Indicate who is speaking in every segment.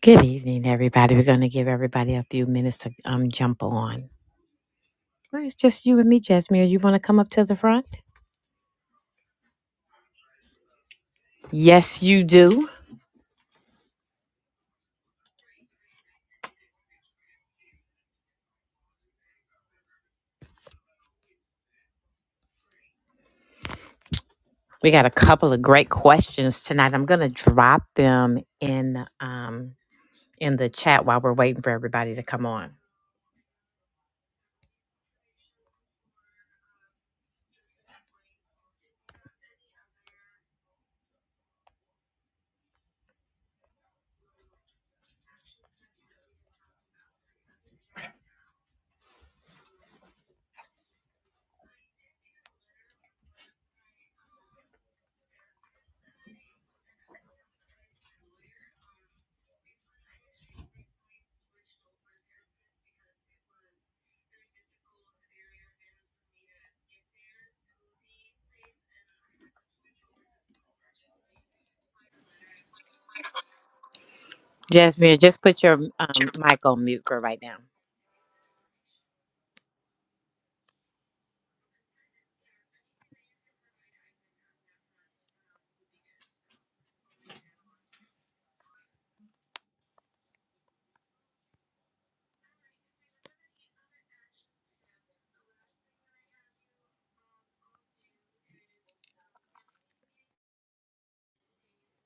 Speaker 1: Good evening, everybody. We're going to give everybody a few minutes to um, jump on. Well, it's just you and me, Jasmine. You want to come up to the front? Yes, you do. We got a couple of great questions tonight. I'm going to drop them in um, in the chat while we're waiting for everybody to come on. Jasmine, just put your um, mic on mute for right now.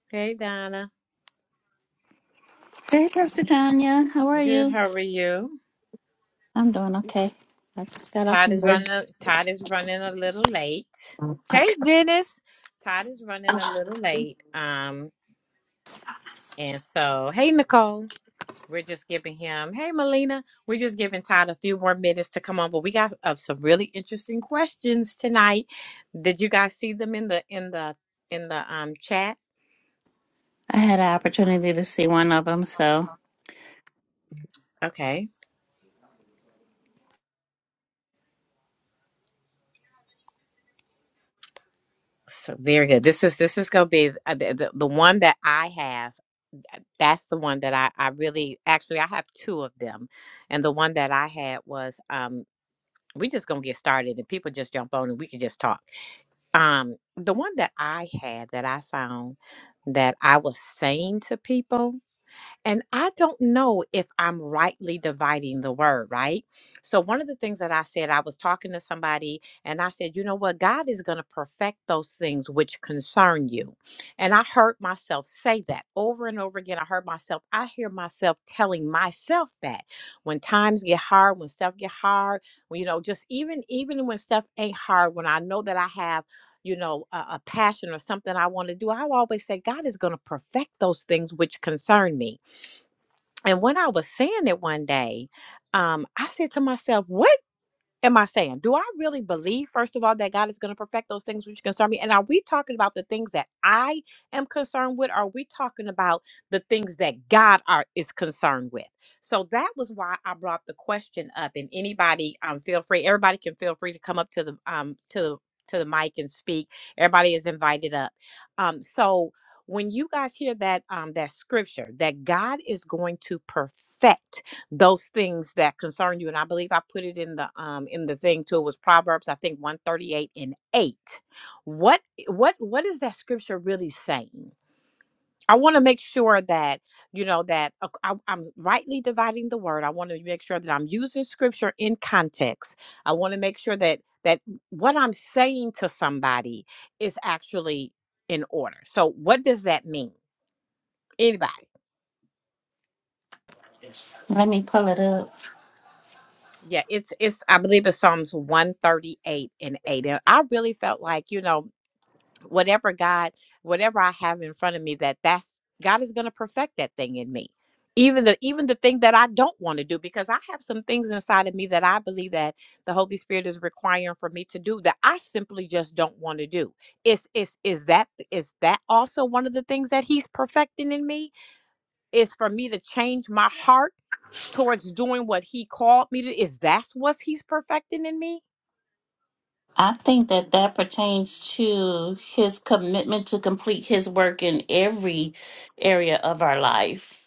Speaker 1: Hey, Donna.
Speaker 2: Hey, Pastor Tanya, how are
Speaker 1: Good.
Speaker 2: you?
Speaker 1: How are you?
Speaker 2: I'm doing okay. I just got off
Speaker 1: Todd
Speaker 2: from
Speaker 1: is
Speaker 2: work.
Speaker 1: running. A, Todd is running a little late. Hey,
Speaker 2: Okay.
Speaker 1: Dennis. Todd is running a little late. Um, And so, hey, Nicole, we're just giving him, hey, Melina, we're just giving Todd a few more minutes to come on. But we got uh, some really interesting questions tonight. Did you guys see them in the in the in the um chat?
Speaker 2: I had an opportunity to see one of them, so
Speaker 1: Okay, so very good. This is this is gonna be uh, the, the the one that I have. uh, That's the one that I I really actually I have two of them, and the one that I had was um we just gonna get started and people just jump on and we can just talk. Um, the one that I had that I found that I was saying to people and I don't know if I'm rightly dividing the word, right? So, one of the things that I said, I was talking to somebody and I said, you know what? God is going to perfect those things which concern you. And I heard myself say that over and over again. I heard myself, I hear myself telling myself that when times get hard, when stuff get hard, when, you know, just even, even when stuff ain't hard, when I know that I have you know, a, a passion or something I want to do, I always say, God is going to perfect those things which concern me. And when I was saying it one day, um, I said to myself, "What am I saying? Do I really believe, first of all, that God is going to perfect those things which concern me? And are we talking about the things that I am concerned with? Or are we talking about the things that God are is concerned with? So that was why I brought the question up. And anybody, um, feel free. Everybody can feel free to come up to the um to the to the mic and speak. Everybody is invited up. Um, so when you guys hear that um that scripture that God is going to perfect those things that concern you and i believe i put it in the um in the thing too it was proverbs i think 138 and 8 what what what is that scripture really saying i want to make sure that you know that uh, I, i'm rightly dividing the word i want to make sure that i'm using scripture in context i want to make sure that that what i'm saying to somebody is actually in order so what does that mean anybody
Speaker 2: let me pull it up.
Speaker 1: Yeah, it's it's I believe it's Psalms 138 and 8. And I really felt like, you know, whatever God, whatever I have in front of me that that's God is going to perfect that thing in me. Even the even the thing that I don't want to do because I have some things inside of me that I believe that the Holy Spirit is requiring for me to do that I simply just don't want to do. Is is is that is that also one of the things that he's perfecting in me? is for me to change my heart towards doing what he called me to is that's what he's perfecting in me
Speaker 2: I think that that pertains to his commitment to complete his work in every area of our life,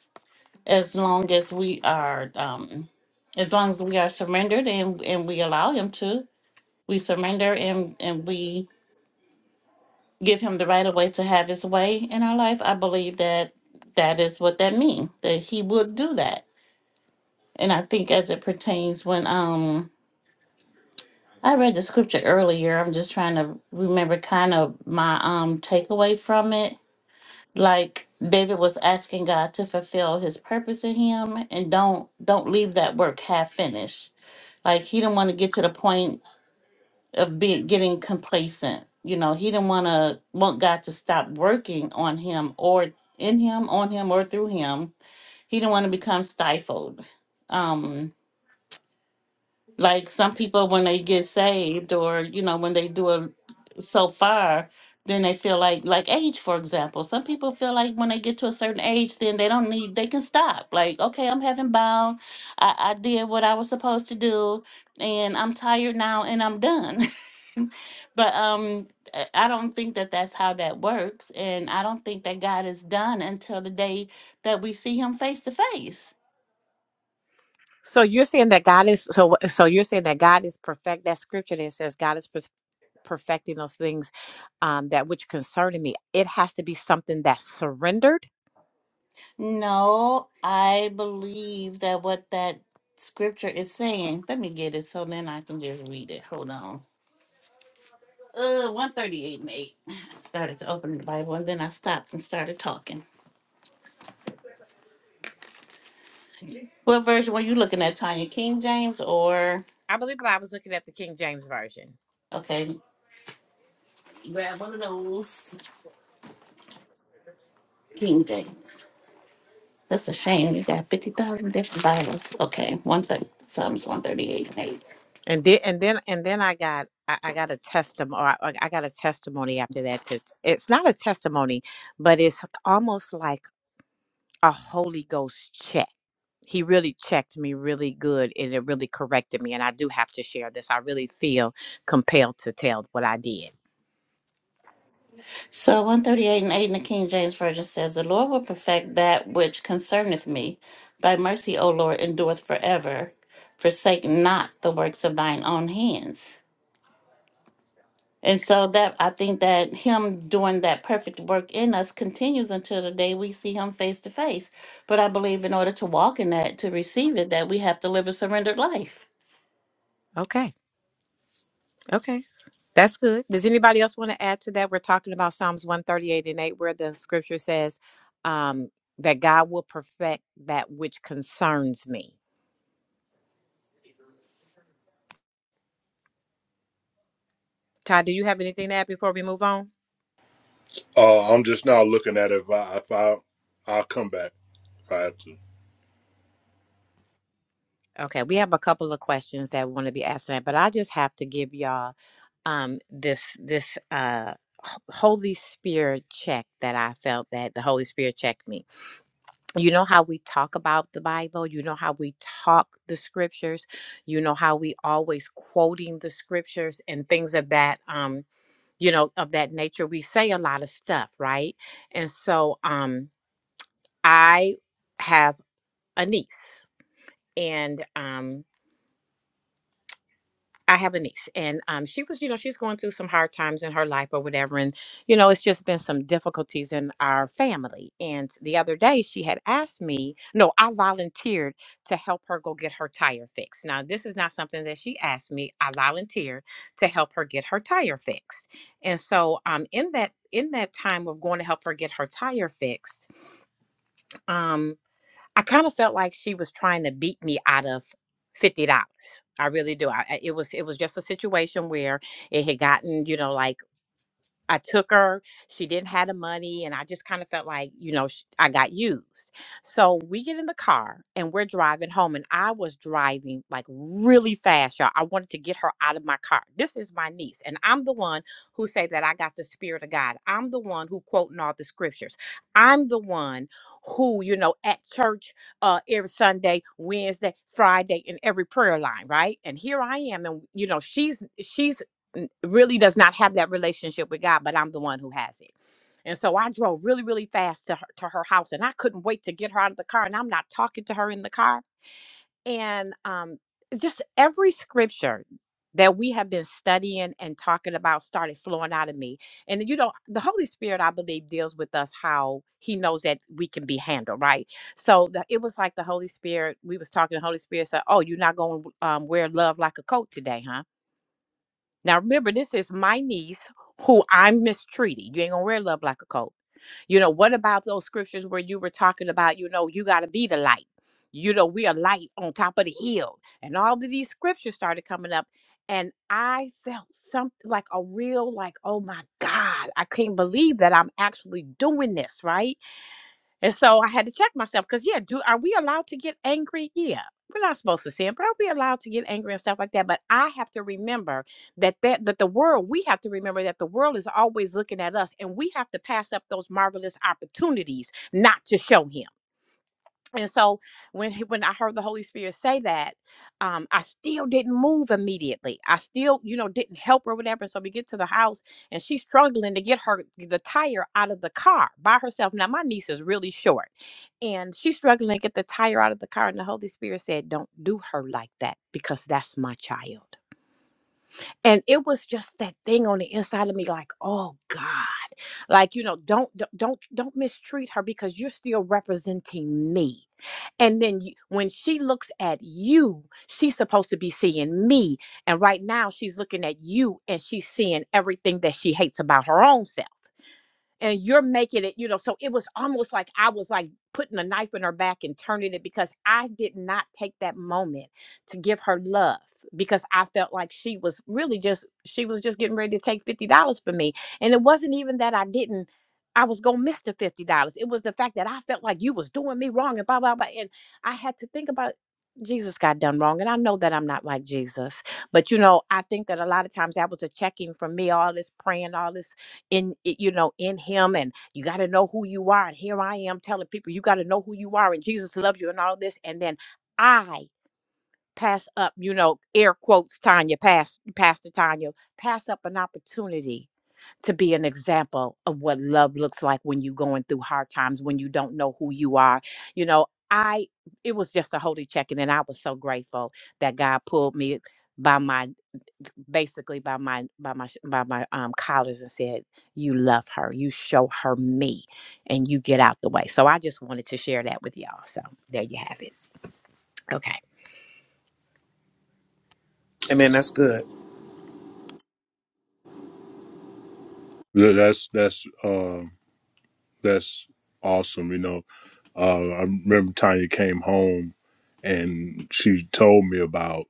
Speaker 2: as long as we are, um, as long as we are surrendered and and we allow him to. We surrender and and we give him the right of way to have his way in our life, I believe that that is what that means, that he would do that. And I think as it pertains when um I read the scripture earlier, I'm just trying to remember kind of my um takeaway from it. Like David was asking God to fulfill his purpose in him and don't don't leave that work half finished. Like he didn't want to get to the point of being getting complacent. You know, he didn't want to want God to stop working on him or in him, on him or through him. He didn't want to become stifled. Um, like some people when they get saved or you know when they do it so far, then they feel like like age for example. Some people feel like when they get to a certain age, then they don't need they can stop. Like okay, I'm having bound. I, I did what I was supposed to do, and I'm tired now, and I'm done. But um, I I don't think that that's how that works, and I don't think that God is done until the day that we see Him face to face.
Speaker 1: so you're saying that god is so so you're saying that god is perfect that scripture that says god is per- perfecting those things um that which concerning me it has to be something that's surrendered
Speaker 2: No, I believe that what that scripture is saying. Let me get it, so then I can just read it. Hold on. Uh, one thirty-eight and eight. I started to open the Bible, and then I stopped and started talking. What version were you looking at, Tanya? King James or
Speaker 1: I believe that I was looking at the King James version.
Speaker 2: okay? Grab one of those. King James. That's a shame. You got 50,000 different Bibles. Okay, one thirty Psalms 138 and 8.
Speaker 1: And then and then and then I got I, I got a testimony. I, I got a testimony after that. To it's not a testimony, but it's almost like a Holy Ghost check. He really checked me really good, and it really corrected me. And I do have to share this. I really feel compelled to tell what I did.
Speaker 2: So 138 and 8 in the King James Version says, The Lord will perfect that which concerneth me. Thy mercy, O Lord, endureth forever. Forsake not the works of thine own hands. And so that I think that him doing that perfect work in us continues until the day we see him face to face. But I believe in order to walk in that, to receive it, that we have to live a surrendered life.
Speaker 1: Okay. Okay. That's good. Does anybody else want to add to that? We're talking about Psalms 138 and 8, where the scripture says um, that God will perfect that which concerns me. Todd, do you have anything to add before we move on?
Speaker 3: Uh, I'm just now looking at it. If I, if I, I'll come back if I have to.
Speaker 1: Okay, we have a couple of questions that want to be asked tonight, but I just have to give y'all um, this this uh, h- Holy Spirit check that I felt that the Holy Spirit checked me. you know how we talk about the bible you know how we talk the scriptures you know how we always quoting the scriptures and things of that um you know of that nature we say a lot of stuff right and so um i have a niece and um I have a niece, and um, she was, you know, she's going through some hard times in her life or whatever. And, you know, it's just been some difficulties in our family. And the other day, she had asked me, no, I volunteered to help her go get her tire fixed. Now, this is not something that she asked me. I volunteered to help her get her tire fixed. And so, um, in that, in that time of going to help her get her tire fixed, um. I kind of felt like she was trying to beat me out of fifty dollars. I really do. I, I- it was it was just a situation where it had gotten you know like I took her. She didn't have the money, and I just kind of felt like, you know, sh- I got used. So we get in the car and we're driving home, and I was driving like really fast, y'all. I wanted to get her out of my car. This is my niece, and I'm the one who say that I got the spirit of God. I'm the one who quoting all the scriptures. I'm the one who, you know, at church uh every Sunday, Wednesday, Friday, in every prayer line, right? And here I am, and you know, she's she's n- really does not have that relationship with God, but I'm the one who has it. And so I drove really, really fast to her, to her house, and I couldn't wait to get her out of the car. And I'm not talking to her in the car. And um, just every scripture that we have been studying and talking about started flowing out of me. And you know, the Holy Spirit, I believe, deals with us how He knows that we can be handled, right? So the, it was like the Holy Spirit. We was talking. The Holy Spirit said, "Oh, you're not going to um, wear love like a coat today, huh?" Now remember, this is my niece who I'm mistreating. You ain't gonna wear love like a coat. You know, what about those scriptures where you were talking about, you know, you gotta be the light. You know, we are light on top of the hill. And all of these scriptures started coming up. And I felt something like a real, like, oh my God, I can't believe that I'm actually doing this, right? And so I had to check myself because yeah, do are we allowed to get angry? Yeah. We're not supposed to sin, but are we allowed to get angry and stuff like that? But I have to remember that that, that the world, we have to remember that the world is always looking at us and we have to pass up those marvelous opportunities not to show him and so when he, when I heard the Holy Spirit say that, um, I still didn't move immediately. I still, you know, didn't help her, or whatever. So we get to the house, and she's struggling to get her the tire out of the car by herself. Now my niece is really short, and she's struggling to get the tire out of the car. And the Holy Spirit said, "Don't do her like that, because that's my child." And it was just that thing on the inside of me, like, "Oh God." like you know don't don't don't don't mistreat her because you're still representing me and then you, when she looks at you, she's supposed to be seeing me. And right now she's looking at you and she's seeing everything that she hates about her own self and you're making it, you know. So it was almost like I was like putting a knife in her back and turning it because I did not take that moment to give her love because I felt like she was really just she was just getting ready to take fifty dollars from me, and it wasn't even that I didn't. I was gonna miss the fifty dollars. It was the fact that I felt like you was doing me wrong and blah blah blah. And I had to think about Jesus got done wrong. And I know that I'm not like Jesus. But you know, I think that a lot of times that was a check-in for me, all this praying, all this in it- you know in him and you got to know who you are and here i am telling people you got to know who you are and jesus loves you and all this and then i pass up you know air quotes tanya pass pastor tanya pass up an opportunity to be an example of what love looks like when you're going through hard times when you don't know who you are you know i it was just a holy check-in and i was so grateful that god pulled me by my basically by my by my by my um collars and said you love her you show her me and you get out the way so i just wanted to share that with y'all so there you have it okay
Speaker 4: Amen. That's good.
Speaker 3: Yeah, That's that's um that's awesome. You know, uh, I remember Tanya came home and she told me about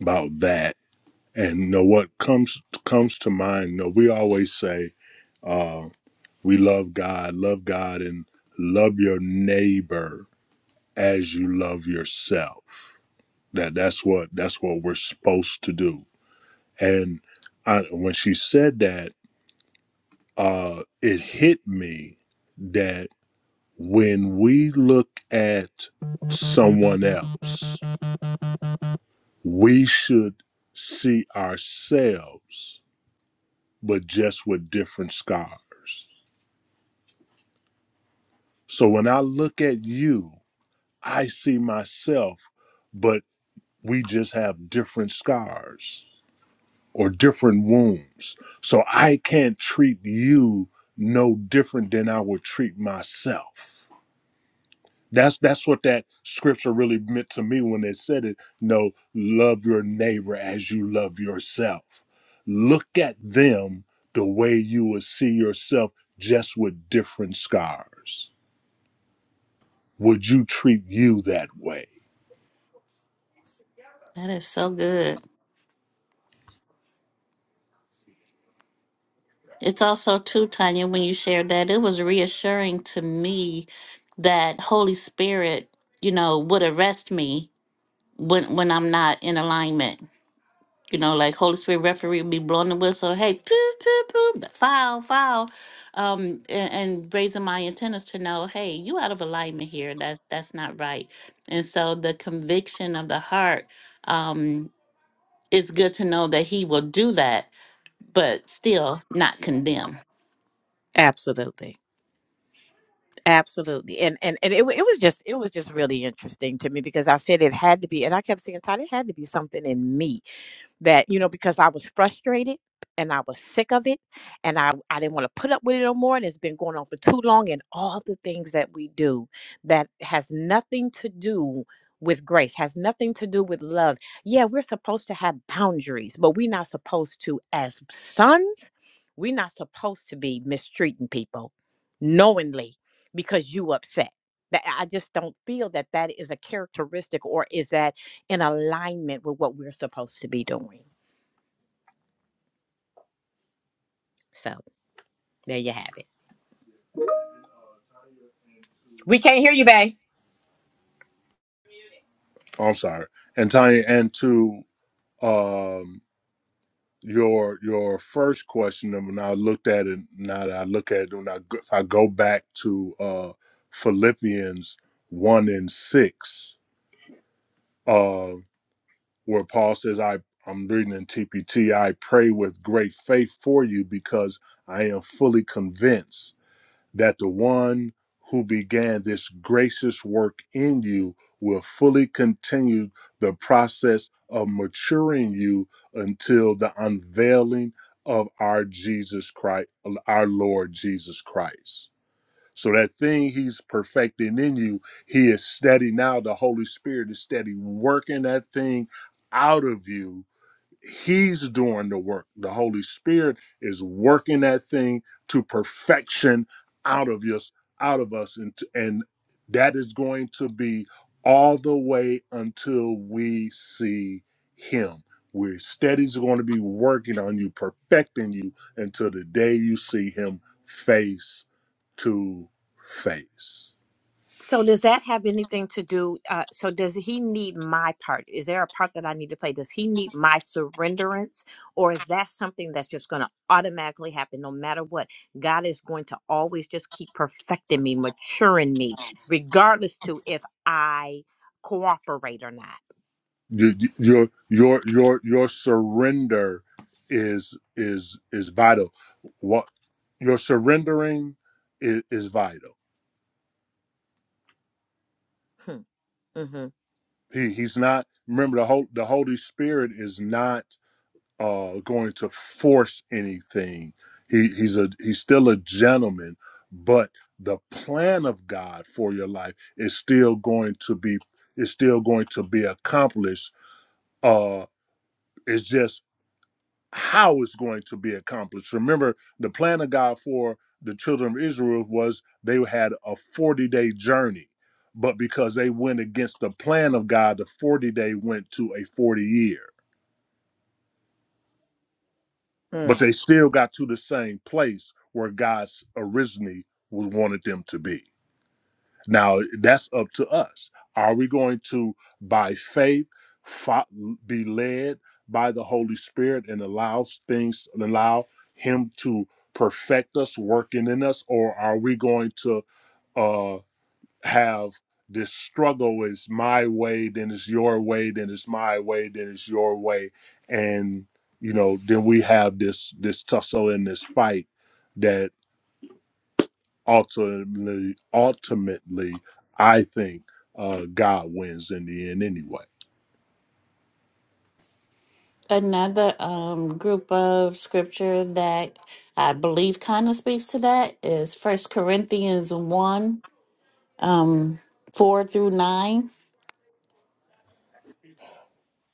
Speaker 3: about that. And you know what comes comes to mind. You know, we always say uh, we love God, love God, and love your neighbor as you love yourself. That that's what that's what we're supposed to do And I, when she said that, uh, it hit me that when we look at someone else, we should see ourselves, but just with different scars. So when I look at you, I see myself, but we just have different scars. or different wounds. So I can't treat you no different than I would treat myself. That's that's what that scripture really meant to me when they said it. No, love your neighbor as you love yourself. Look at them the way you would see yourself just with different scars. Would you treat you that way?
Speaker 2: That is so good. It's also too, Tanya, when you shared that, it was reassuring to me that Holy Spirit, you know, would arrest me when when I'm not in alignment. You know, like Holy Spirit referee would be blowing the whistle, hey, poo, poo, poo, foul, foul, um, and, and raising my antennas to know, hey, you out of alignment here. That's that's not right. And so the conviction of the heart, um, it's good to know that He will do that, but still not condemn.
Speaker 1: Absolutely. Absolutely. And and, and it, wa- it was just it was just really interesting to me because I said it had to be and I kept saying, Todd, it had to be something in me that, you know, because I was frustrated and I was sick of it and I, I didn't want to put up with it no more and it's been going on for too long and all the things that we do that has nothing to do with grace has nothing to do with love. Yeah, we're supposed to have boundaries, but we're not supposed to as sons, we're not supposed to be mistreating people knowingly because you upset that i just don't feel that that is a characteristic or is that in alignment with what we're supposed to be doing so there you have it We can't hear you, Bay.
Speaker 3: I'm sorry. And Tanya, and to um your your first question and when I looked at it now that I look at it when I go- if I go back to uh Philippians one and six uh where Paul says I I'm reading in TPT I pray with great faith for you because I am fully convinced that the one who began this gracious work in you will fully continue the process of maturing you until the unveiling of our Jesus Christ, our Lord Jesus Christ. So that thing he's perfecting in you, he is steady now. The Holy Spirit is steady working that thing out of you He's doing the work. The Holy Spirit is working that thing to perfection out of us, out of us, and and that is going to be all the way until we see Him. We're steady's going to be working on you, perfecting you until the day you see Him face to face.
Speaker 1: so does that have anything to do uh, so does he need my part is there a part that i need to play does he need my surrenderance or is that something that's just going to automatically happen no matter what god is going to always just keep perfecting me maturing me regardless to if i cooperate or not
Speaker 3: Y- y- your your your your surrender is is is vital what your surrendering is, is vital
Speaker 1: Hmm. Mm-hmm.
Speaker 3: he he's not remember the whole the holy spirit is not uh going to force anything he he's a he's still a gentleman but the plan of god for your life is still going to be is still going to be accomplished uh it's just how it's going to be accomplished. Remember, the plan of God for the children of Israel was they had a 40 day journey, but because they went against the plan of God, the 40 day went to a 40 year. But
Speaker 1: Mm,
Speaker 3: they still got to the same place where God's originally was wanted them to be. Now, that's up to us. Are we going to, by faith, fo- be led by the Holy Spirit and allow things, allow Him to perfect us, working in us, or are we going to uh, have this struggle is my way, then it's your way, then it's my way, then it's your way, and you know, then we have this this tussle and this fight ultimately, ultimately, I think uh, God wins in the end anyway.
Speaker 2: Another um, group of scripture that I believe kind of speaks to that is First Corinthians 1 um, 4 through 9.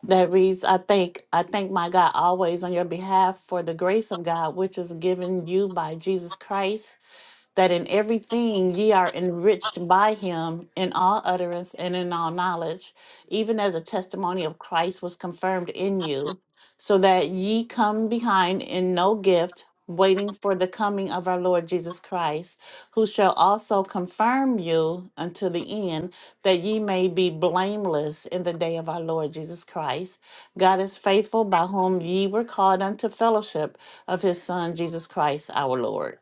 Speaker 2: That reads, I think, I thank my God always on your behalf for the grace of God, which is given you by Jesus Christ that in everything ye are enriched by him in all utterance and in all knowledge, even as the testimony of Christ was confirmed in you, so that ye come behind in no gift, waiting for the coming of our Lord Jesus Christ, who shall also confirm you unto the end, that ye may be blameless in the day of our Lord Jesus Christ. God is faithful, by whom ye were called unto fellowship of his Son, Jesus Christ, our Lord.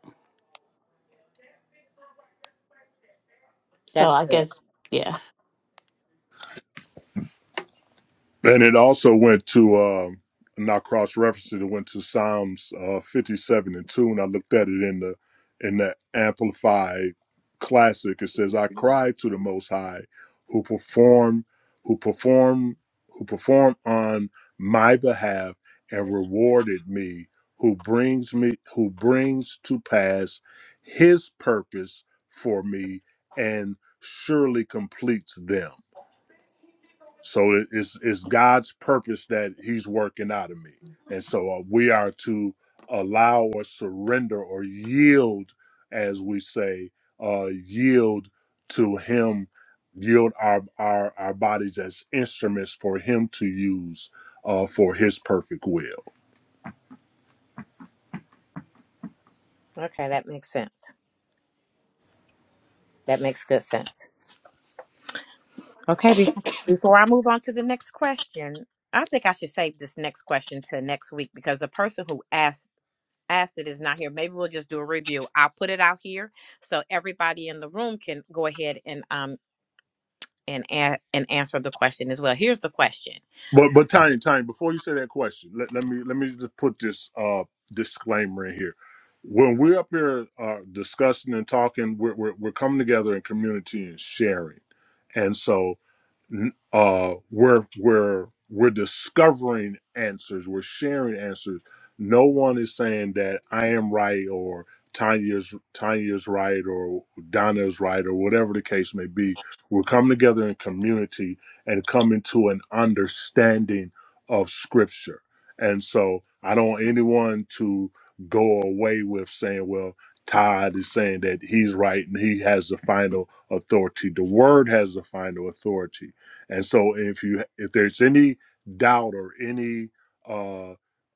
Speaker 2: So
Speaker 1: that's
Speaker 2: I
Speaker 1: good.
Speaker 2: guess yeah.
Speaker 3: And it also went to um not cross referenced it went to Psalms uh, fifty seven and two and I looked at it in the in the amplified classic. It says, I cried to the most high who perform who perform who perform on my behalf and rewarded me, who brings me who brings to pass his purpose for me and surely completes them. So it- it's it's God's purpose that He's working out of me, and so uh, we are to allow or surrender or yield, as we say, uh, yield to Him, yield our our our bodies as instruments for Him to use uh, for His perfect will.
Speaker 1: Okay, that makes sense. That makes good sense. Okay, be- before I move on to the next question, I think I should save this next question to next week because the person who asked asked it is not here. Maybe we'll just do a review. I'll put it out here so everybody in the room can go ahead and um and a- and answer the question as well. Here's the question.
Speaker 3: But but Tanya, Tanya, before you say that question, let, let me let me just put this uh disclaimer in here. When we're up here uh, discussing and talking, we're, we're we're coming together in community and sharing. And so uh, we're we're we're discovering answers. We're sharing answers. No one is saying that I am right or Tanya's Tanya's right or Donna's right or whatever the case may be. We're coming together in community and coming to an understanding of Scripture. And so I don't want anyone to go away with saying, "Well, Todd is saying that he's right and he has the final authority." The Word has the final authority and so if you if there's any doubt or any uh,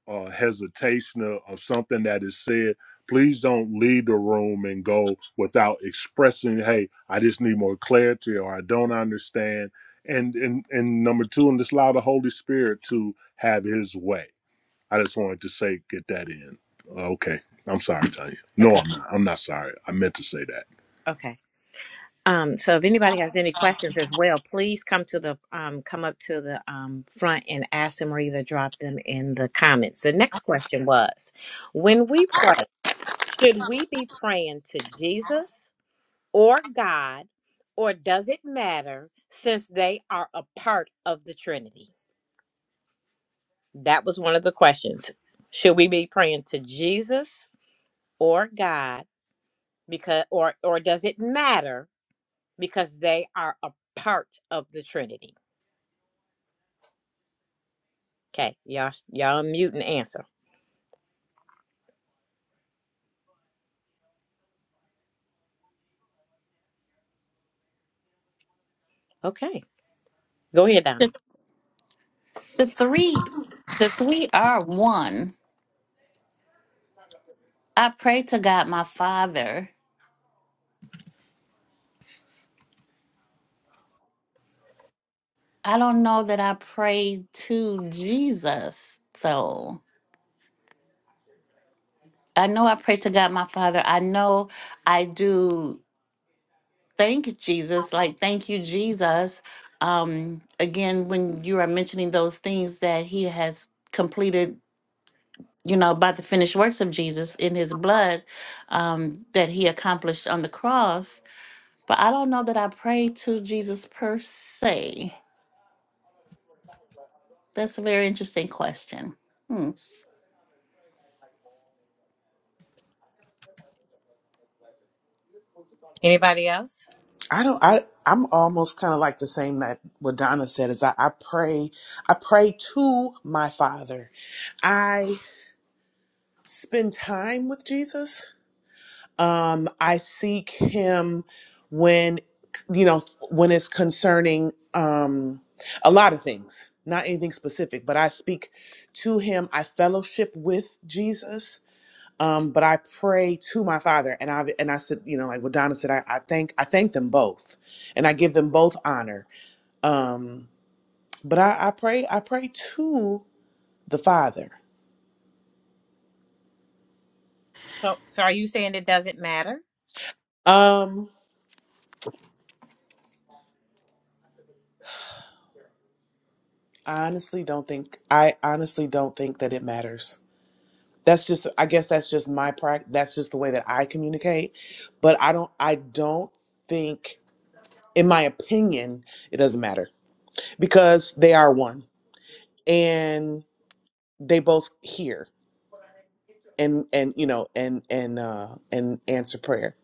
Speaker 3: uh, hesitation or, or something that is said, please don't leave the room and go without expressing, hey, I just need more clarity or I don't understand. And and and number two, and just allow the Holy Spirit to have his way. I just wanted to say get that in. Okay. I'm sorry, Tanya. No,
Speaker 1: Okay.
Speaker 3: I'm not. I'm not sorry. I meant to say that.
Speaker 1: Okay. Um, so if anybody has any questions as well, please come to the um, come up to the um, front and ask them or either drop them in the comments. The next question was, when we pray, should we be praying to Jesus? or God, or does it matter since they are a part of the Trinity? That was one of the questions. Should we be praying to Jesus or God because or or does it matter because they are a part of the Trinity? Okay, y'all y'all mute and answer. Okay. Go ahead, Donna.
Speaker 2: The the three the three are one. I pray to God my Father. I don't know that I pray to Jesus. So I know I pray to God my Father. I know I do thank Jesus, like thank you, Jesus. Um again when you are mentioning those things that he has completed, you know, by the finished works of Jesus in his blood, um, that he accomplished on the cross But I don't know that I pray to Jesus per se. That's a very interesting question. Hmm.
Speaker 1: Anybody else?
Speaker 4: I don't. I I'm almost kind of like the same that what Donna said is I, I pray. I pray to my Father. I spend time with Jesus. Um, I seek Him when you know when it's concerning um a lot of things not anything specific but i speak to him i fellowship with jesus Um, but I pray to my father, and I and I said, you know, like what Donna said, I, I thank I thank them both, and I give them both honor. Um, but I, I pray I pray to the father.
Speaker 1: So so are you saying it doesn't matter?
Speaker 4: Um, I honestly don't think I honestly don't think that it matters. That's just I guess that's just my practice. That's just the way that I communicate. But I don't I don't think, in my opinion, it doesn't matter because they are one and they both hear. and and you know and and uh and answer prayer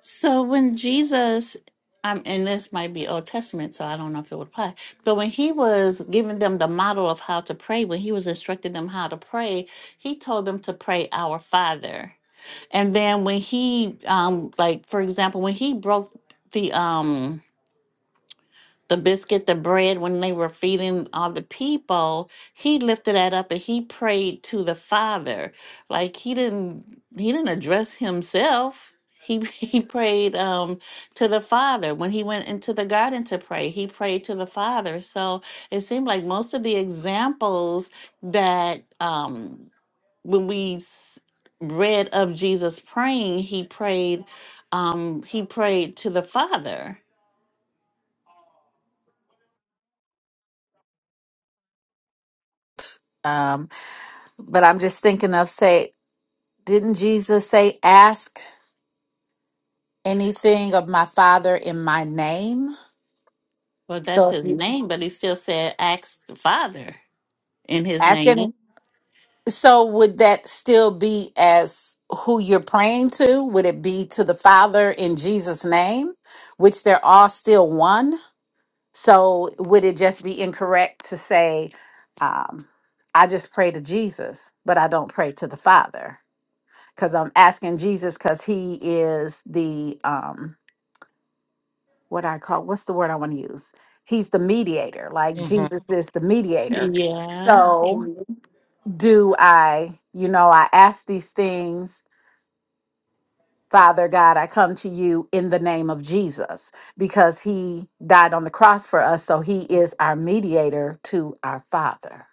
Speaker 2: So when Jesus, um, and this might be Old Testament, so I don't know if it would apply, but when he was giving them the model of how to pray, when he was instructing them how to pray, he told them to pray our Father. And then when he, um, like for example, when he broke the um the biscuit, the bread, when they were feeding all the people, he lifted that up and he prayed to the Father. Like he didn't he didn't address himself. He he prayed um to the Father. When he went into the garden to pray, he prayed to the Father. So it seemed like most of the examples that um when we s- read of Jesus praying, he prayed um he prayed to the Father
Speaker 5: Um, but I'm just thinking of say, didn't Jesus say, ask anything of my father in my name?
Speaker 2: Well, that's
Speaker 5: So if
Speaker 2: his
Speaker 5: you
Speaker 2: name, but he still said ask the Father in his
Speaker 5: ask any,
Speaker 2: name.
Speaker 5: so would that still be as who you're praying to? Would it be to the father in Jesus name, which they're all still one? So would it just be incorrect to say, um, I just pray to Jesus, but I don't pray to the father? Because I'm asking Jesus because he is the um, what I call what's the word I want to use? He's the mediator. Like Jesus is the mediator.
Speaker 2: Yeah.
Speaker 5: So do I, you know, I ask these things, Father God, I come to you in the name of Jesus because he died on the cross for us. So he is our mediator to our Father.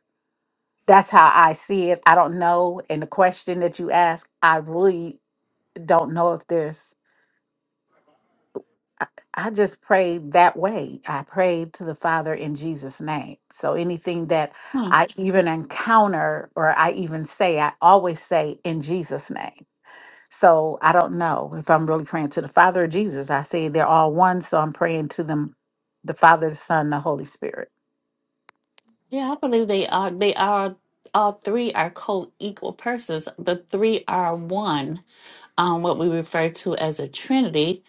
Speaker 5: That's how I see it. I don't know. And the question that you ask, I really don't know if there's I, I just prayed that way. I prayed to the Father in Jesus' name. So anything that
Speaker 2: Huh.
Speaker 5: I even encounter or I even say, I always say in Jesus' name. So I don't know if I'm really praying to the Father or Jesus. I say they're all one, so I'm praying to them, the Father, the Son, the Holy Spirit.
Speaker 2: Yeah, I believe they are. They are all three are co-equal persons. The three are one. Um, what we refer to as a Trinity.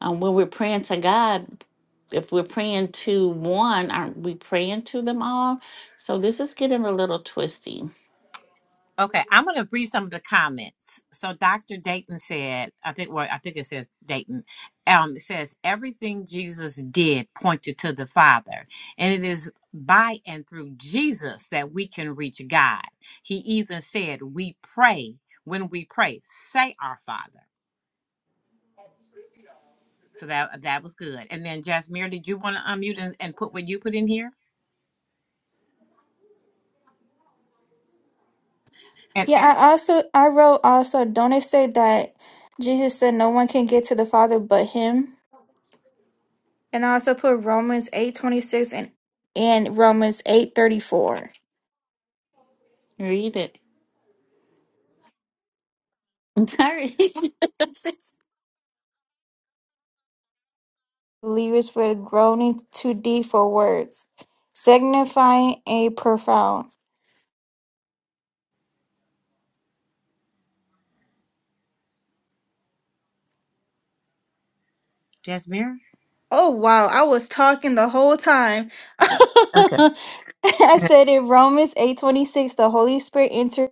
Speaker 2: Um, when we're praying to God, if we're praying to one, aren't we praying to them all? So this is getting a little twisty.
Speaker 1: Okay, I'm going to read some of the comments. So Dr. Dayton said, I think well, I think it says Dayton. Um, it says everything Jesus did pointed to the Father, and it is by and through Jesus that we can reach God. He even said, "We pray when we pray, say our Father." So that that was good. And then Jasmine, did you want to unmute and, and put what you put in here? And
Speaker 6: Yeah, I also I wrote also don't it say that Jesus said no one can get to the Father but him? And I also put Romans eight twenty six and and Romans eight thirty four.
Speaker 2: Read it. Sorry.
Speaker 6: Believers were groaning too deep for words, signifying a profound.
Speaker 1: Jasmine,
Speaker 6: Oh wow, I was talking the whole time.
Speaker 1: Okay.
Speaker 6: I said in Romans eight twenty six, the Holy Spirit entered.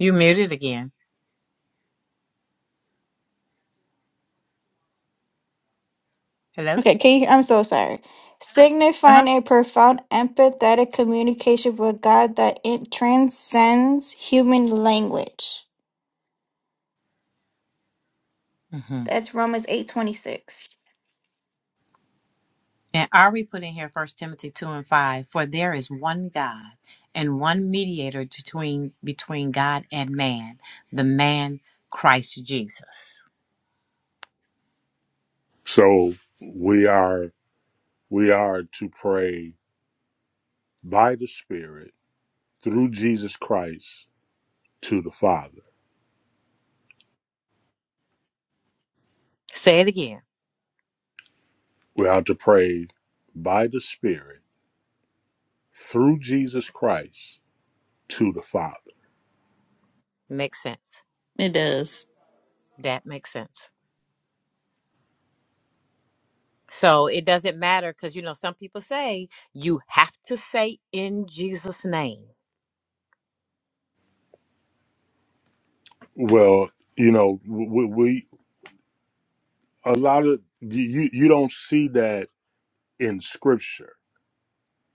Speaker 1: you muted again. Hello.
Speaker 6: Okay, can you, I'm so sorry.
Speaker 1: Uh
Speaker 6: Signifying a profound empathetic communication with God that it transcends human language.
Speaker 1: huh.
Speaker 6: That's Romans eight twenty six.
Speaker 1: And Ari put in here First Timothy two and five, for there is one God and one mediator between between God and man, the man Christ Jesus.
Speaker 3: So we are we are to pray by the Spirit through Jesus Christ to the Father.
Speaker 1: Say it again.
Speaker 3: We are to pray by the Spirit through Jesus Christ to the Father.
Speaker 1: Makes sense.
Speaker 2: it does.
Speaker 1: That makes sense. So it doesn't matter because you know some people say you have to say in Jesus' name.
Speaker 3: Well, you know, we, we a lot of you you you don't see that in Scripture.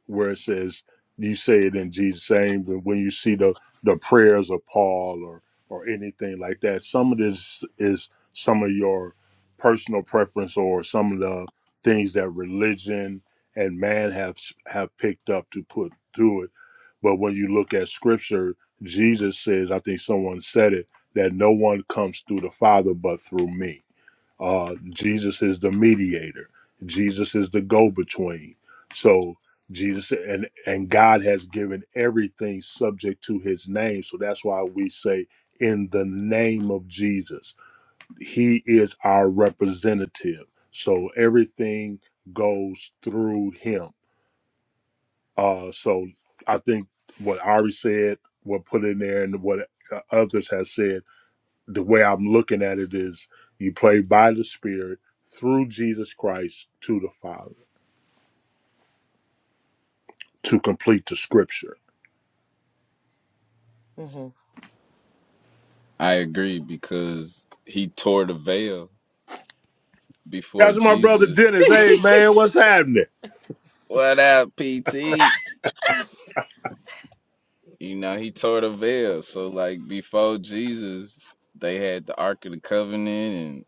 Speaker 3: where it says you say it in Jesus' name, and when you see the the prayers of Paul or or anything like that, some of this is some of your personal preference or some of the things that religion and man have have picked up to put to it. But when you look at Scripture, Jesus says, I think someone said it that no one comes through the Father but through me. Uh, Jesus is the mediator. Jesus is the go-between. So Jesus and and God has given everything subject to His name. So that's why we say in the name of Jesus. He is our representative. So everything goes through Him. Uh, so I think what Ari said, what put in there, and what uh, others have said the way I'm looking at it is you pray by the Spirit through Jesus Christ to the Father to complete the scripture.
Speaker 1: hmm
Speaker 7: I agree because he tore the veil before
Speaker 3: That's my brother
Speaker 7: Jesus.
Speaker 3: Dennis. Hey man, what's happening?
Speaker 7: What up, PT? You know, he tore the veil. So, like, before Jesus, they had the Ark of the Covenant and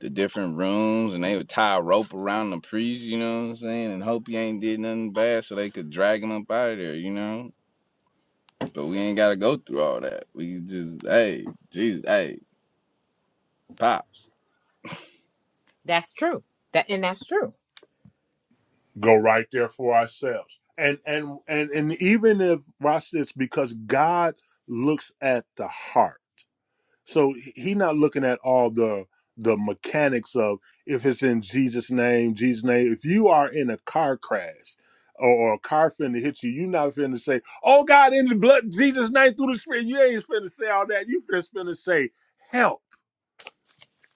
Speaker 7: the different rooms, and they would tie a rope around the priest, you know what I'm saying, and hope he ain't did nothing bad so they could drag him up out of there, you know? But we ain't got to go through all that. We can just, hey, Jesus, hey, pops.
Speaker 1: That's true. That and that's true.
Speaker 3: Go right there for ourselves. And and and and even if watch this, because God looks at the heart. So he not looking at all the the mechanics of if it's in Jesus' name, Jesus' name. If you are in a car crash or, or a car finna hit you, you not finna say, "Oh God, in the blood, Jesus' name through the Spirit." You ain't finna say all that. You just finna say, "Help,"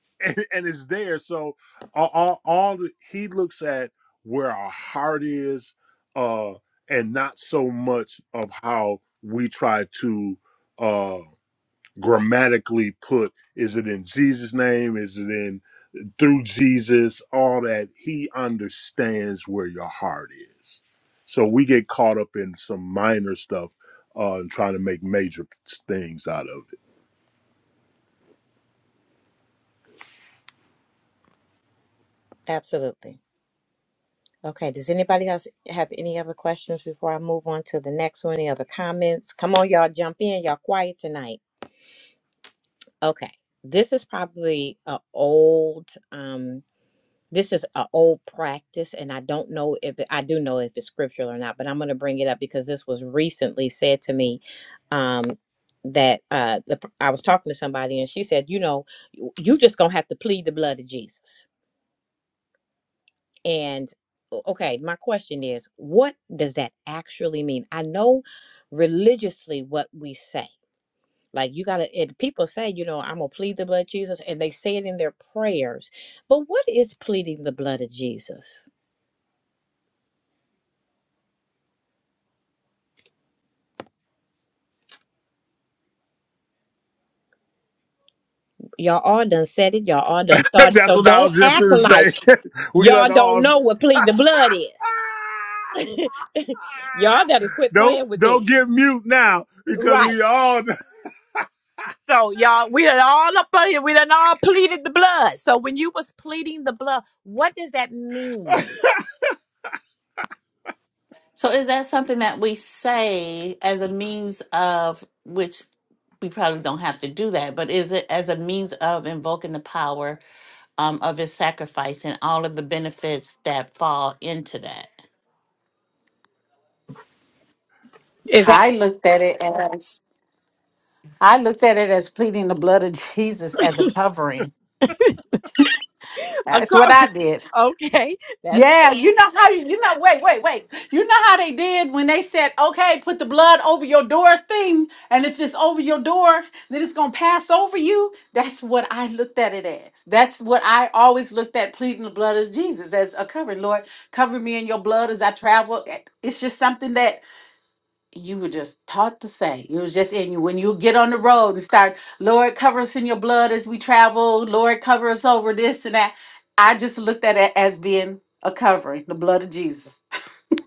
Speaker 3: and, and it's there. So all, all, all the, he looks at where our heart is, uh, and not so much of how we try to. uh, grammatically put is it in Jesus name is it in through Jesus all that he understands where your heart is so we get caught up in some minor stuff uh, and trying to make major things out of
Speaker 1: Absolutely. Okay. Does anybody else have any other questions before I move on to the next one? Any other comments? Come on, y'all, jump in. Y'all quiet tonight. Okay. This is probably a old. Um, this is a old practice, and I don't know if it, I do know if it's scriptural or not, but I'm going to bring it up because this was recently said to me. Um, that uh, the, I was talking to somebody, and she said, "You know, you you just gonna have to plead the blood of Jesus." And o- okay, my question is, what does that actually mean? I know religiously what we say. Like you gotta and people say, you know, I'm gonna plead the blood of Jesus, and they say it in their prayers. But what is pleading the blood of Jesus? Y'all all done said it, y'all all done
Speaker 3: it.
Speaker 1: thought it.
Speaker 3: That's
Speaker 1: So
Speaker 3: what I
Speaker 1: don't
Speaker 3: was just
Speaker 1: act
Speaker 3: going to
Speaker 1: like
Speaker 3: say. we get at
Speaker 1: y'all
Speaker 3: all.
Speaker 1: don't know what plead the blood is. Y'all better quit
Speaker 3: Don't
Speaker 1: playing with me.
Speaker 3: don't get mute now because
Speaker 1: Right.
Speaker 3: we all.
Speaker 1: So y'all, we done all up on here. We done all pleaded the blood. So when you was pleading the blood, what does that mean?
Speaker 2: So is that something that we say as a means of which we probably don't have to do that, but is it as a means of invoking the power um, of his sacrifice and all of the benefits that fall into that?
Speaker 1: Is that
Speaker 5: I looked at it as I looked at it as pleading the blood of Jesus as a covering.
Speaker 1: a
Speaker 5: That's what
Speaker 1: car?
Speaker 5: I did.
Speaker 1: Okay, that's
Speaker 5: Yeah, you know how you you know wait wait wait you know how they did when they said okay put the blood over your door thing and if it's over your door then it's gonna pass over you that's what I looked at it as that's what I always looked at pleading the blood as Jesus as a covering Lord cover me in your blood as I travel it's just something that you were just taught to say. It was just in you. When you get on the road and start, Lord, cover us in your blood as we travel. Lord, cover us over this and that. I just looked at it as being a covering, the blood of Jesus.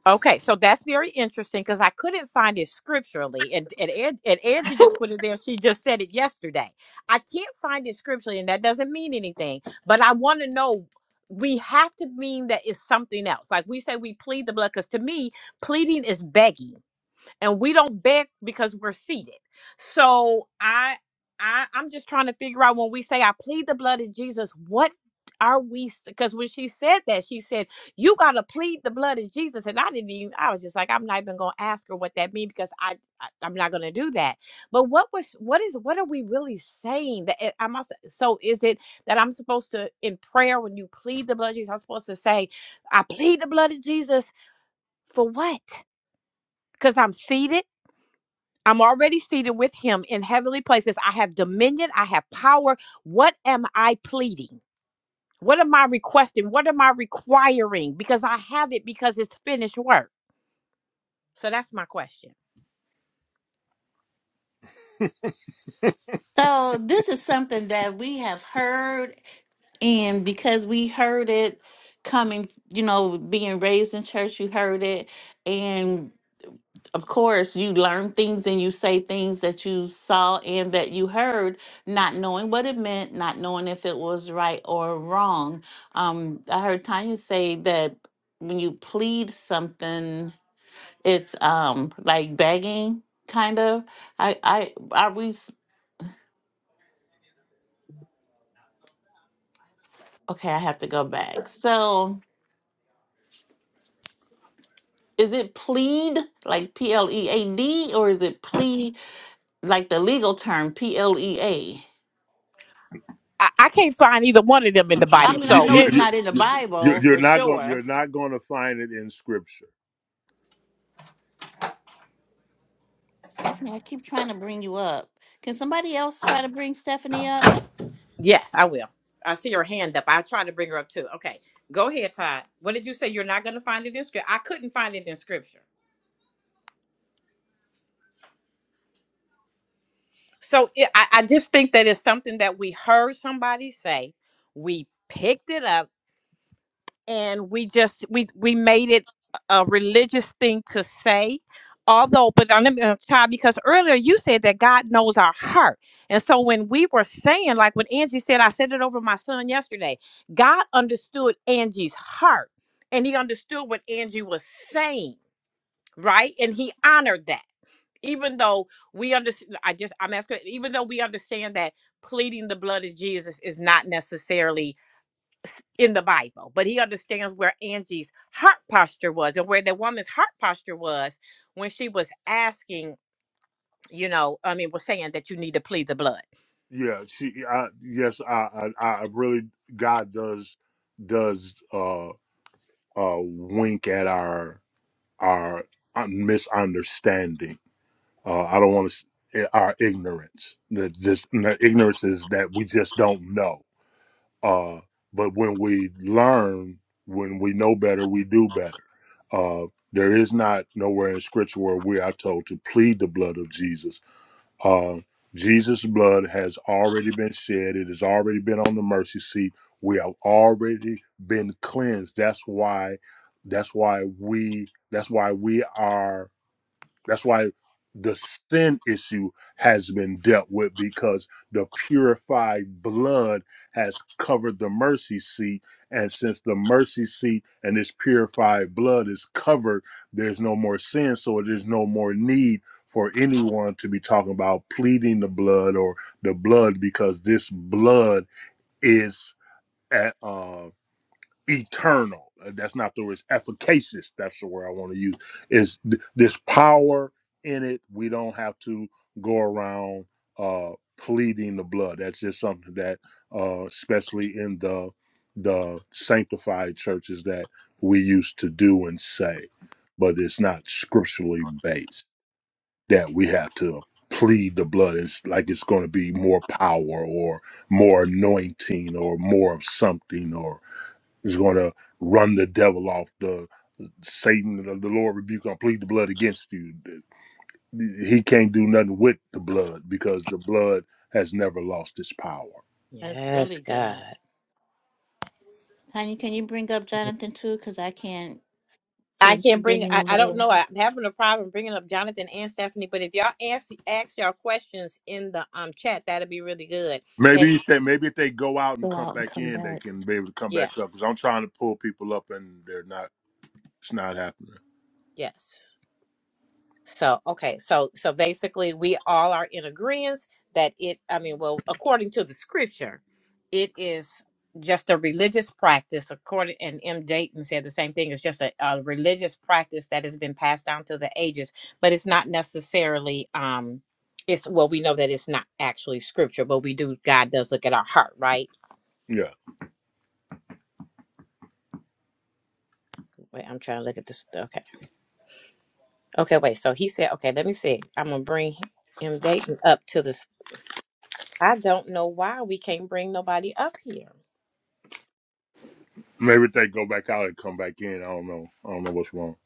Speaker 1: okay. So that's very interesting because I couldn't find it scripturally, and and An- and Angie just put it there. She just said it yesterday. I can't find it scripturally, and that doesn't mean anything. But I want to know. We have to mean that it's something else. Like we say, we plead the blood because to me, pleading is begging. and we don't beg because we're seated. So I, I I'm just trying to figure out when we say I plead the blood of Jesus, what are we because when she said that she said you got to plead the blood of jesus and i didn't even i was just like i'm not even gonna ask her what that means because I, I i'm not gonna do that but what was what is what are we really saying that it- i'm so is it that i'm supposed to in prayer when you plead the blood of jesus i'm supposed to say i plead the blood of jesus for what because i'm seated I'm already seated with him in heavenly places. I have dominion. I have power. What am I pleading? What am I requesting? What am I requiring? Because I have it because it's finished work. So that's my question.
Speaker 2: So this is something that we have heard, and because we heard it coming, you know, being raised in church, you heard it, and. of course, you learn things and you say things that you saw and that you heard, not knowing what it meant, not knowing if it was right or wrong. Um, I heard Tanya say that when you plead something, it's um like begging, kind of. I I are we s- okay? I have to go back. So is it plead like P L E A D or is it plead like the legal term P L E A?
Speaker 1: I, I can't find either one of them in the
Speaker 2: I
Speaker 1: Bible.
Speaker 2: mean, I
Speaker 3: You,
Speaker 1: So
Speaker 2: know
Speaker 3: you,
Speaker 2: it's
Speaker 1: it,
Speaker 2: not in the
Speaker 3: you, you-
Speaker 2: Bible
Speaker 3: you're
Speaker 2: for
Speaker 3: not going. You're
Speaker 2: sure.
Speaker 3: not going to find it in scripture.
Speaker 2: Stephanie, I keep trying to bring you up. Can somebody else try to bring Stephanie up?
Speaker 1: yes, I will. I see her hand up. I tried to bring her up too. Okay. Go ahead, Todd. What did you say? You're not going to find it in scripture. I couldn't find it in scripture. So it, I, I just think that it's something that we heard somebody say, we picked it up, and we just we we made it a religious thing to say. Although, but I'm gonna try because earlier you said that God knows our heart, and so when we were saying, like when Angie said, I said it over my son yesterday. God understood Angie's heart, and He understood what Angie was saying, right? And He honored that even though we understand i just i'm asking even though we understand that pleading the blood of jesus is not necessarily s- in the bible but he understands where angie's heart posture was and where the woman's heart posture was when she was asking you know i mean was saying that you need to plead the blood
Speaker 3: Yeah, she. I, yes, I, I. I really. God does does uh uh wink at our our uh, misunderstanding. Uh, I don't want to our ignorance. That just the ignorance is that we just don't know. Uh, but when we learn, when we know better, we do better. Uh, there is not nowhere in Scripture where we are told to plead the blood of Jesus um, Jesus' blood has already been shed. It has already been on the mercy seat. We have already been cleansed. That's why. That's why we. That's why we are. That's why the sin issue has been dealt with because the purified blood has covered the mercy seat. And since the mercy seat and this purified blood is covered, there's no more sin. So there's no more need for anyone to be talking about pleading the blood or the blood because this blood is. uh, uh, eternal. Uh, That's not the word. It's efficacious. That's the word I want to use. Is th- this power in it? We don't have to go around uh, pleading the blood. That's just something that, uh, especially in the the sanctified churches, that we used to do and say, but it's not scripturally based. That we have to plead the blood. It's like it's going to be more power or more anointing or more of something or is going to run the devil off the Satan. The, the Lord rebuke and plead the blood against you. He can't do nothing with the blood because the blood has never lost its power.
Speaker 2: That's
Speaker 1: yes
Speaker 2: really
Speaker 1: god
Speaker 2: good. Honey, can you bring up Jonathan too? Because I can't
Speaker 1: I
Speaker 2: seem to
Speaker 1: can't
Speaker 2: get
Speaker 1: bring. I, I
Speaker 2: anybody
Speaker 1: don't
Speaker 2: to
Speaker 1: know. I'm having a problem bringing up Jonathan and Stephanie. But if y'all ask ask y'all questions in the um chat, that'd be really good. And
Speaker 3: Maybe if they, maybe if they go out and
Speaker 2: go
Speaker 3: come
Speaker 2: out and
Speaker 3: back
Speaker 2: come
Speaker 3: in, they
Speaker 2: back.
Speaker 3: can be able to come back
Speaker 1: yeah,
Speaker 3: up. Because I'm trying to pull people up, and they're not. It's not happening.
Speaker 1: yes. So, okay. So, so basically we all are in agreement that it, I mean, well, according to the scripture, it is just a religious practice according, and M. Dayton said the same thing. It's just a, a religious practice that has been passed down to the ages, but it's not necessarily, um, it's, well, we know that it's not actually scripture, but we do, God does look at our heart, right?
Speaker 3: Yeah.
Speaker 1: Wait, I'm trying to look at this. Okay. Okay. Wait. So he said, okay, let me see. I'm going to bring M. Dayton up to the I don't know why we can't bring nobody up here.
Speaker 3: Maybe if they go back out and come back in, I don't know. I don't know what's wrong.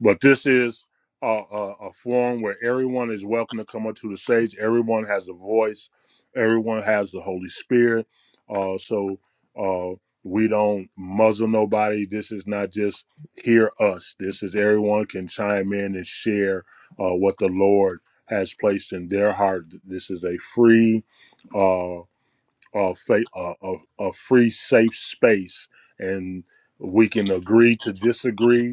Speaker 3: But this is a, a, a forum where everyone is welcome to come up to the stage. Everyone has a voice. Everyone has the Holy Spirit. Uh, so uh, we don't muzzle nobody. This is not just hear us. This is everyone can chime in and share uh, what the Lord has placed in their heart. This is a free, uh, a, fa- a, a, a free, safe space, and we can agree to disagree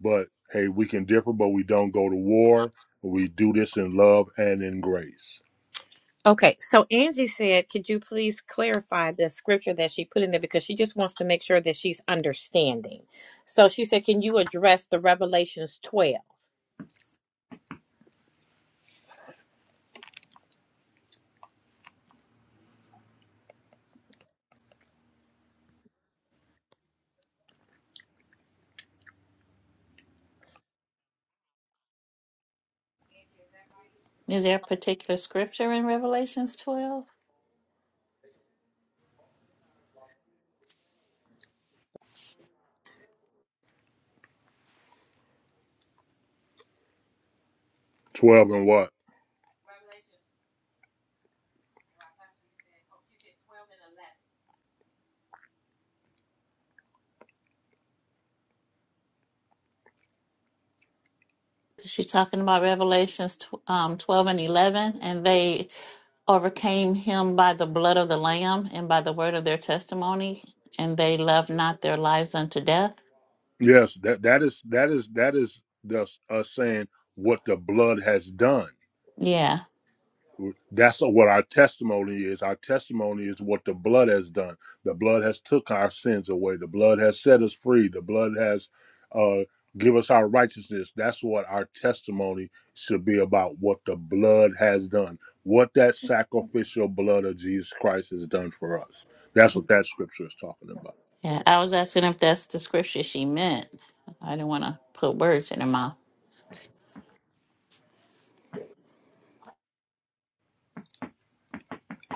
Speaker 3: but hey, we can differ, but we don't go to war. We do this in love and in grace.
Speaker 1: Okay, so Angie said, could you please clarify the scripture that she put in there because she just wants to make sure that she's understanding. So she said, can you address the Revelations 12?
Speaker 2: Is there a particular scripture in Revelations 12?
Speaker 3: Twelve and what?
Speaker 2: She's talking about Revelations tw- um, 12 and 11, and they overcame him by the blood of the Lamb and by the word of their testimony, and they loved not their lives unto death.
Speaker 3: Yes, that that is that is that is thus us saying what the blood has done.
Speaker 2: Yeah.
Speaker 3: that's what our testimony is our testimony is what the blood has done the blood has took our sins away the blood has set us free the blood has uh give us our righteousness that's what our testimony should be about what the blood has done what that sacrificial blood of jesus christ has done for us that's what that scripture is talking about
Speaker 2: Yeah, I was asking if that's the scripture she meant. I didn't want to put words in her mouth.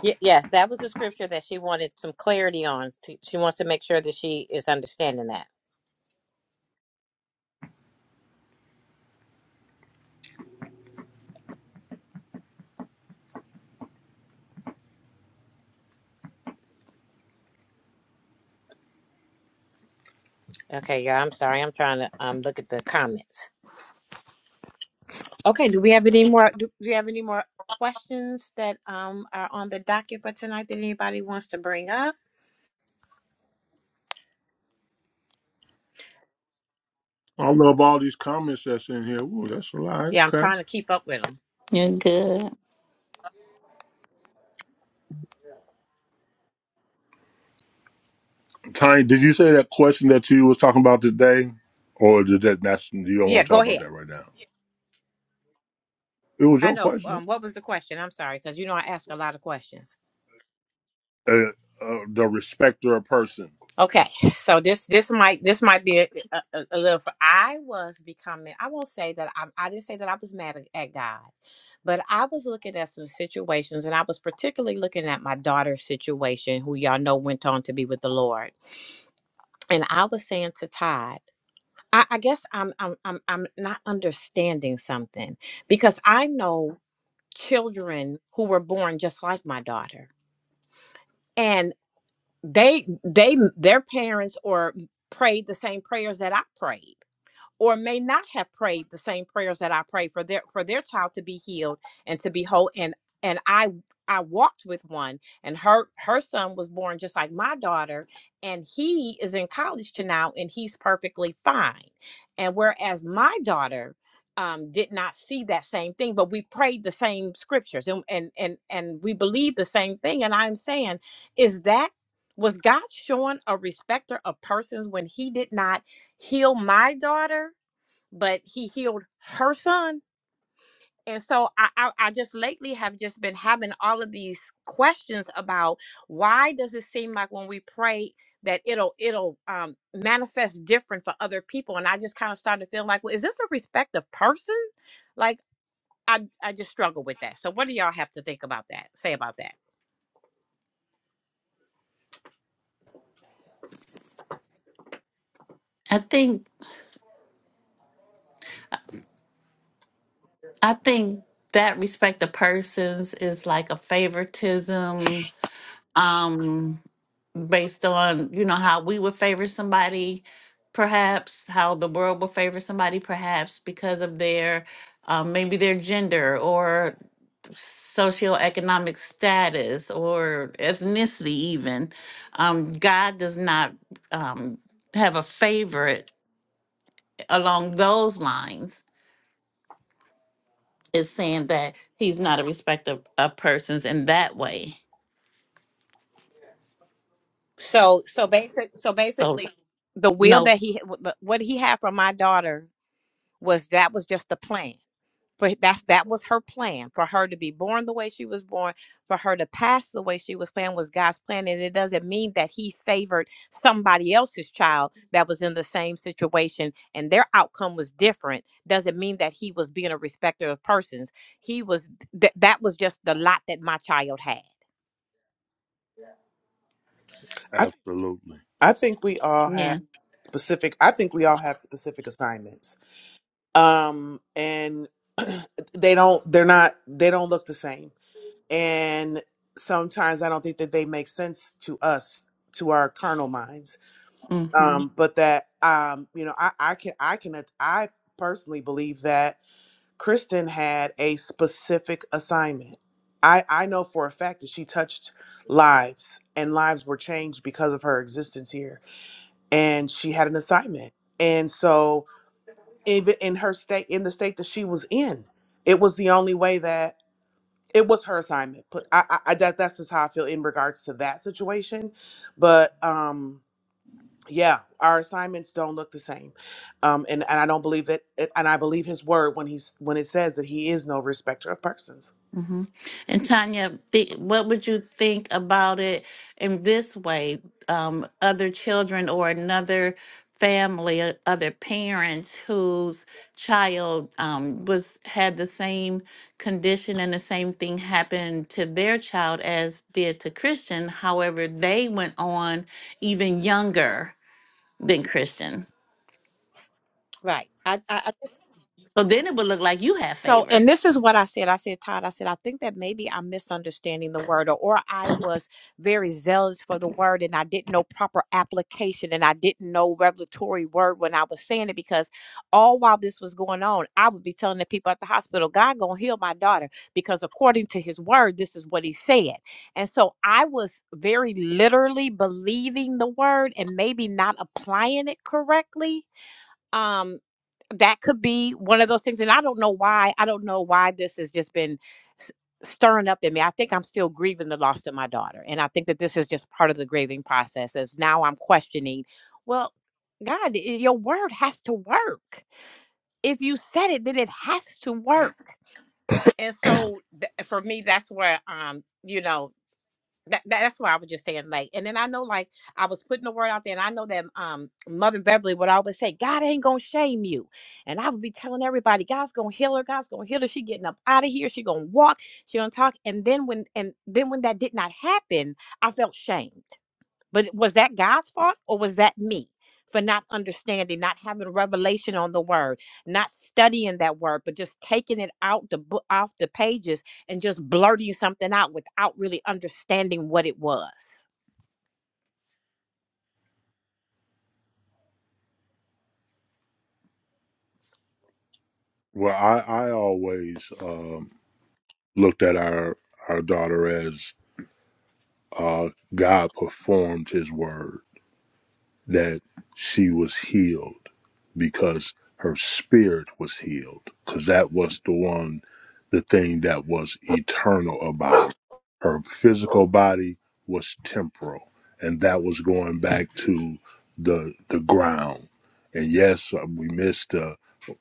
Speaker 1: Y- yes, that was the scripture that she wanted some clarity on. To, she wants to make sure that she is understanding that. Okay, yeah, I'm sorry. I'm trying to um look at the comments. Okay, do we have any more? Do we have any more questions that um are on the docket for tonight that anybody wants to bring up?
Speaker 3: i love all these comments that's in here Ooh, that's a lie
Speaker 1: Yeah, I'm
Speaker 3: okay
Speaker 1: trying to keep up with them.
Speaker 2: You're good.
Speaker 3: tiny did you say that question that you was talking about today or did that that's you don't
Speaker 1: Yeah,
Speaker 3: want to
Speaker 1: go
Speaker 3: talk about
Speaker 1: ahead.
Speaker 3: that right now It was
Speaker 1: I
Speaker 3: your
Speaker 1: know.
Speaker 3: question.
Speaker 1: Um, what was the question? I'm sorry, because you know I ask a lot of questions.
Speaker 3: Uh, uh, the respecter of person.
Speaker 1: Okay, so this this might this might be a, a, a little. For, I was becoming. I won't say that I I didn't say that I was mad at, at God, but I was looking at some situations, and I was particularly looking at my daughter's situation, who y'all know went on to be with the Lord, and I was saying to Todd. I, I guess I'm I'm I'm I'm not understanding something because I know children who were born just like my daughter. they they their parents or prayed the same prayers that I prayed or may not have prayed the same prayers that I prayed for their for their child to be healed and to be whole and and I I walked with one and her her son was born just like my daughter and he is in college to now and he's perfectly fine and whereas my daughter um, did not see that same thing but we prayed the same scriptures and and and, and we believed the same thing and I'm saying is that was God showing a respecter of persons when he did not heal my daughter but he healed her son. And so I, I, I just lately have just been having all of these questions about why does it seem like when we pray that it'll it'll um, manifest different for other people, and I just kind of started feeling like, well, is this a respect of person? Like I I just struggle with that. So what do y'all have to think about that? Say about that.
Speaker 2: I think I think that respect of persons is like a favoritism, um, based on you know how we would favor somebody, perhaps how the world would favor somebody, perhaps because of their, um, maybe their gender or socioeconomic status or ethnicity even um, god does not um, have a favorite along those lines it's saying that he's not a respecter of persons in that way
Speaker 1: So so basic so
Speaker 2: so
Speaker 1: basically, the will
Speaker 2: no
Speaker 1: that he what he had for my daughter was that was just the plan for that's that was her plan for her to be born the way she was born for her to pass the way she was planned was god's plan and it doesn't mean that he favored somebody else's child that was in the same situation and their outcome was different doesn't mean that he was being a respecter of persons he was th- that was just the lot that my child had
Speaker 4: i th-
Speaker 3: Absolutely.
Speaker 4: i think we all have
Speaker 2: yeah
Speaker 4: specific i think we all have specific assignments um and they don't they're not they don't look the same and sometimes i don't think that they make sense to us to our carnal minds
Speaker 2: mhm.
Speaker 4: um but that um you know i i can i can i personally believe that Kristen had a specific assignment. I, I know for a fact that she touched lives and lives were changed because of her existence here. And she had an assignment. And so even in her state in the state that she was in, it was the only way that it was her assignment. But I, I, I that that's just how I feel in regards to that situation. But um yeah our assignments don't look the same um and, and i don't believe it it- and i believe his word when he's when it says that he is no respecter of persons
Speaker 2: hmm And Tanya, th- what would you think about it in this way? Um, other children or another family, uh, other parents whose child um, was had the same condition and the same thing happened to their child as did to Christian. However, they went on even younger than Christian.
Speaker 1: Right. I, I, I
Speaker 2: So then it would look like you have
Speaker 1: So,
Speaker 2: favor.
Speaker 1: and this is what I said. I said, Todd, I said, I think that maybe I'm misunderstanding the word, or, or I was very zealous for the word and I didn't know proper application and I didn't know revelatory word when I was saying it because all while this was going on, I would be telling the people at the hospital, God gonna heal my daughter because according to his word, this is what he said. And so I was very literally believing the word and maybe not applying it correctly Um that could be one of those things and i don't know why i don't know why this has just been s- stirring up in me i think i'm still grieving the loss of my daughter and i think that this is just part of the grieving process as now i'm questioning well god i- your word has to work if you said it then it has to work and so th- for me that's where um you know that, that- that's why I was just saying like, and then I know like I was putting the word out there, and I know that um Mother Beverly would always say, God ain't gonna shame you, and I would be telling everybody, God's gonna heal her, God's gonna heal her. She getting up out of here, she gonna walk, she gonna talk, and then when and then when that did not happen, I felt shamed. But was that God's fault or was that me for not understanding, not having revelation on the word, not studying that word, but just taking it out the book off the pages and just blurting something out without really understanding what it was?
Speaker 3: Well, I, I always um, looked at our our daughter as uh, God performed His word that she was healed because her spirit was healed because that was the one the thing that was eternal about. her physical body was temporal and that was going back to the the ground and yes uh, we missed the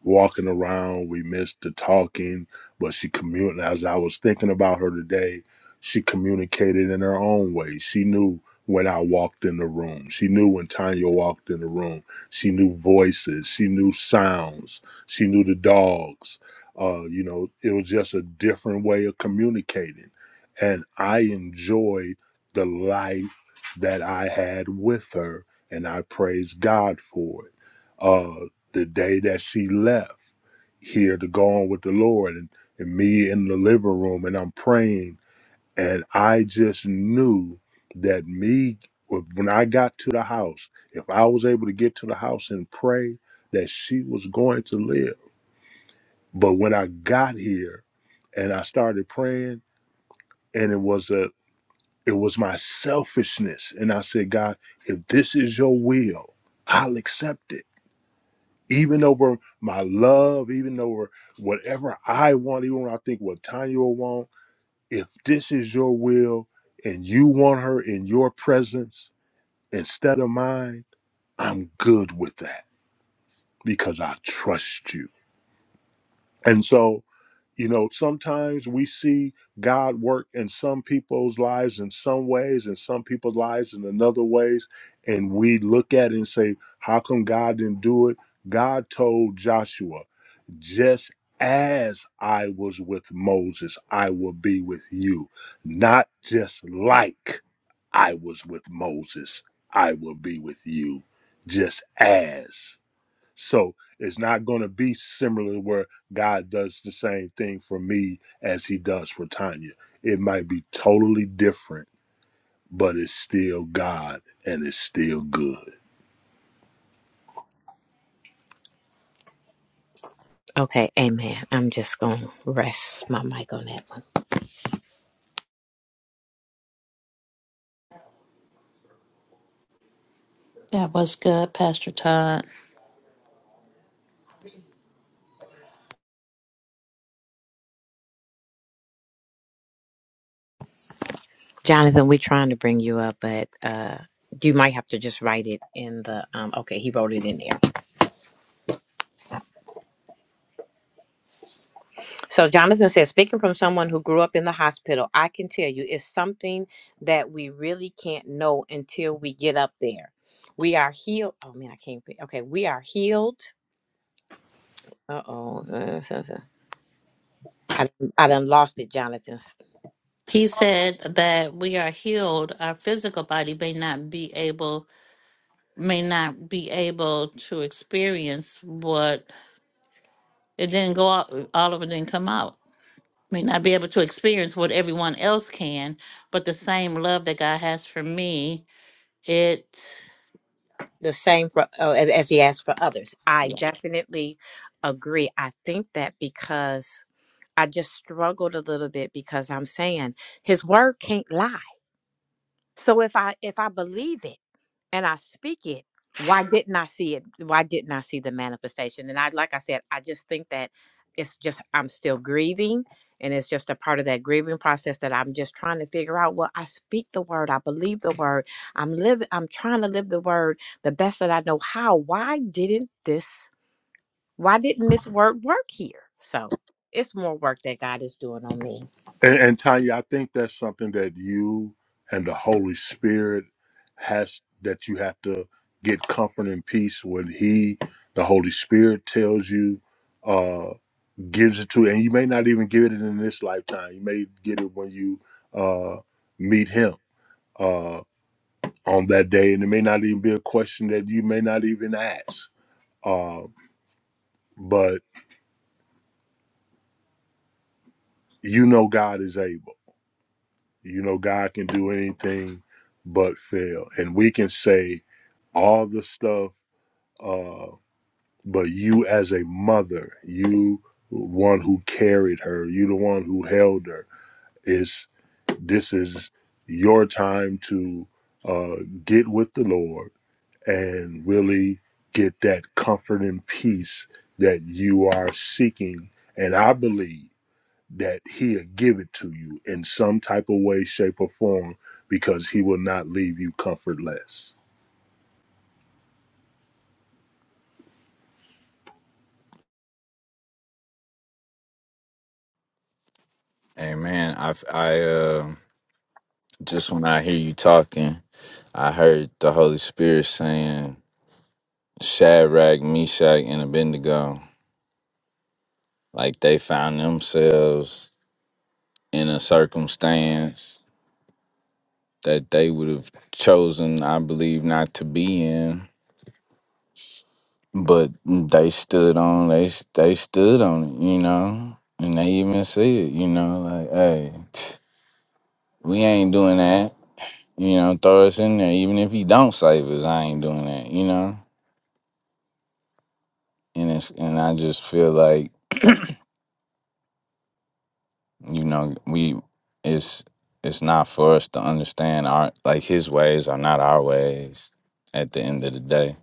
Speaker 3: walking around we missed the talking but she commun as i was thinking about her today she communicated in her own way she knew when i walked in the room she knew when tanya walked in the room she knew voices she knew sounds she knew the dogs uh, you know it was just a different way of communicating and I enjoyed the life that I had with her, and I praise God for it. Uh, the day that she left here to go on with the Lord, and, and me in the living room, and I'm praying, and I just knew that me when I got to the house, if I was able to get to the house and pray, that she was going to live. But when I got here, and I started praying, and it was a it was my selfishness. And I said, God, if this is your will, I'll accept it. Even over my love, even over whatever I want, even when I think what Tanya will want, if this is your will and you want her in your presence instead of mine, I'm good with that because I trust you. And so You know, sometimes we see God work in some people's lives in some ways and some people's lives in another ways. And we look at it and say, how come God didn't do it? God told Joshua, just as I was with Moses, I will be with you. Not just like I was with Moses, I will be with you. Just as. So it's not going to be similar where God does the same thing for me as he does for Tanya. It might be totally different, but it's still God and it's still good.
Speaker 1: Okay, amen. I'm just gonna rest my mic on that one.
Speaker 2: That was good, Pastor Todd.
Speaker 1: Jonathan, we're trying to bring you up, but uh, you might have to just write it in the. Um, okay, he wrote it in there. So Jonathan says, speaking from someone who grew up in the hospital, I can tell you it's something that we really can't know until we get up there. We are healed. Oh man, I can't. be- Okay, we are healed. Uh oh, I done I done lost it, Jonathan.
Speaker 2: He said that we are healed. Our physical body may not be able may not be able to experience what it didn't go out all of it didn't come out. May not be able to experience what everyone else can, but the same love that God has for me, it
Speaker 1: the same for uh, as as he asked for others. I
Speaker 2: yeah,
Speaker 1: definitely agree. I think that because I just struggled a little bit because I'm saying his word can't lie. So if I if I believe it and I speak it, why didn't I see it? Why didn't I see the manifestation? And I like I said, I just think that it's just I'm still grieving and it's just a part of that grieving process that I'm just trying to figure out. Well, I speak the word, I believe the word. I'm living I'm trying to live the word the best that I know how. Why didn't this why didn't this word work here? So it's more work that God is doing on me.
Speaker 3: And, and Tanya, I think that's something that you and the Holy Spirit has that you have to get comfort and peace when he, the Holy Spirit tells you, uh, gives it to you. And you may not even get it in this lifetime. You may get it when you uh, meet him uh, on that day, and it may not even be a question that you may not even ask. Uh, but you know God is able. You know God can do anything but fail, and we can say all the stuff. Uh, but you, as a mother, you one who carried her, you the one who held her. Is this is your time to uh, get with the Lord? and really get that comfort and peace that you are seeking. And I believe that He'll give it to you in some type of way, shape, or form because He will not leave you comfortless.
Speaker 7: Hey man, I I uh just when I hear you talking, I heard the Holy Spirit saying, Shadrach, Meshach, and Abednego, like they found themselves in a circumstance that they would have chosen, I believe, not to be in, but they stood on, they, they stood on it, you know, and they even see it, you know, like, hey, we ain't doing that, you know, throw us in there, even if he don't save us, I ain't doing that, you know, and it's, and I just feel like you know we it's it's not for us to understand our like his ways are not our ways at the end of the day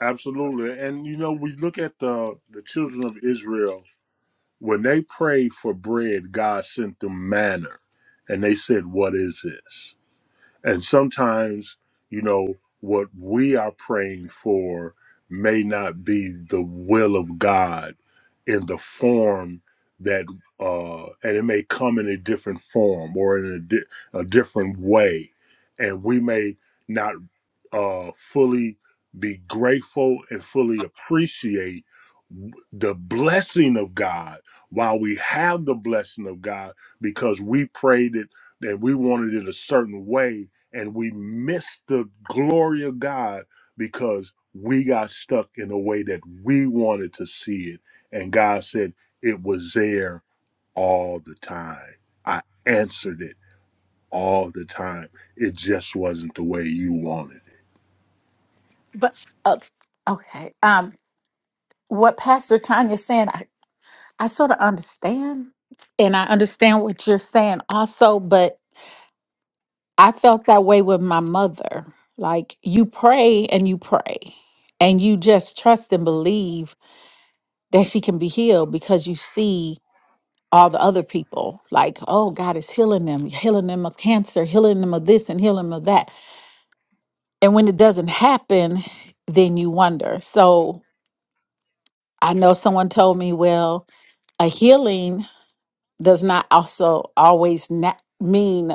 Speaker 3: Absolutely. And you know, we look at the, the children of Israel, when they prayed for bread, God sent them manna. And they said, What is this? And sometimes, you know, what we are praying for may not be the will of God in the form that, uh, and it may come in a different form or in a, di- a different way. And we may not uh, fully be grateful and fully appreciate the blessing of God while we have the blessing of God because we prayed it and we wanted it a certain way and we missed the glory of God because we got stuck in a way that we wanted to see it. And God said, It was there all the time. I answered it all the time. It just wasn't the way you wanted.
Speaker 5: But uh, okay, um, what Pastor Tanya's saying, I, I sort of understand, and I understand what you're saying also. But I felt that way with my mother. Like you pray and you pray, and you just trust and believe that she can be healed because you see all the other people like oh god is healing them healing them of cancer healing them of this and healing them of that and when it doesn't happen then you wonder so i know someone told me well a healing does not also always na- mean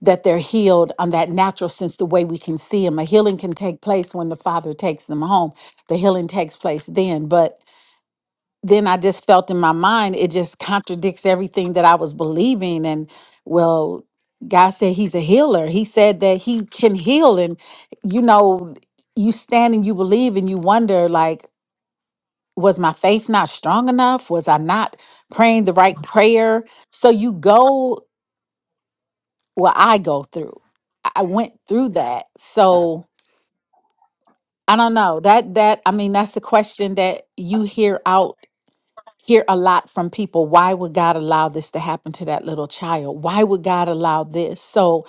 Speaker 5: that they're healed on that natural sense the way we can see them a healing can take place when the father takes them home the healing takes place then but then I just felt in my mind it just contradicts everything that I was believing. And well, God said He's a healer. He said that He can heal. And you know, you stand and you believe and you wonder, like, was my faith not strong enough? Was I not praying the right prayer? So you go, well, I go through. I I went through that. So I don't know. That that I mean, that's the question that you hear out hear a lot from people why would god allow this to happen to that little child why would god allow this so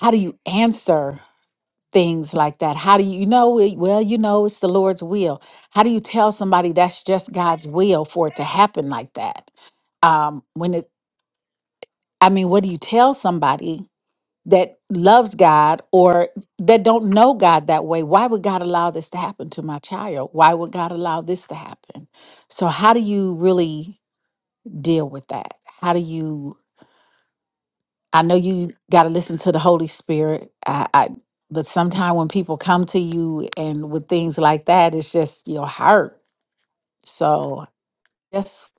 Speaker 5: how do you answer things like that how do you you know it- well you know it's the lord's will how do you tell somebody that's just god's will for it to happen like that um when it i mean what do you tell somebody that loves god or that don't know god that way why would god allow this to happen to my child why would god allow this to happen so how do you really deal with that? How do you? I know you got to listen to the Holy Spirit. I, I but sometimes when people come to you and with things like that, it's just your heart. So yes,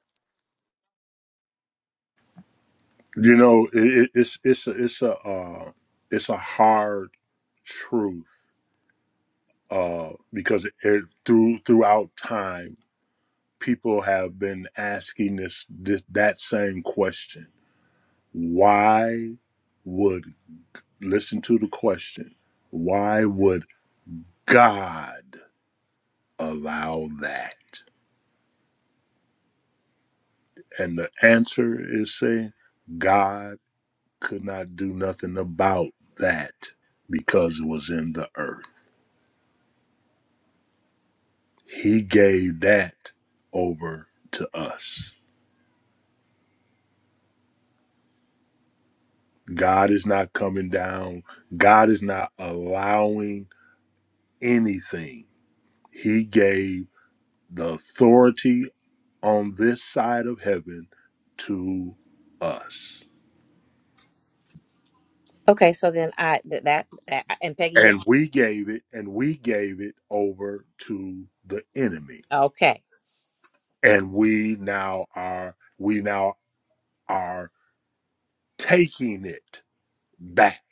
Speaker 3: You know, it, it- it's it's a, it's a uh, it's a hard truth uh, because it, through throughout time, people have been asking this, this that same question: Why would listen to the question? Why would God allow that? And the answer is saying God could not do nothing about that because it was in the earth. He gave that over to us. God is not coming down. God is not allowing anything. He gave the authority on this side of heaven to us.
Speaker 1: Okay, so then I th- that, that and Peggy, yeah.
Speaker 3: And we gave it and we gave it over to the enemy.
Speaker 1: Okay.
Speaker 3: And we now are we now are taking it back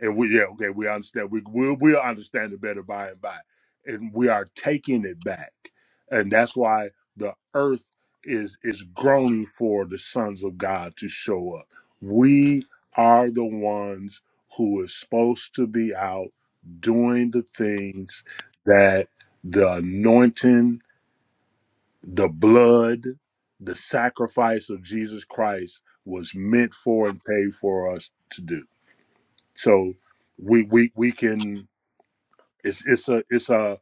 Speaker 3: and we yeah okay we understand we we'll, we'll understand it better by and by and we are taking it back and that's why the earth is is groaning for the sons of god to show up we are the ones who is supposed to be out doing the things that the anointing the blood the sacrifice of jesus christ was meant for and paid for us to do so we we we can it's it's a it's a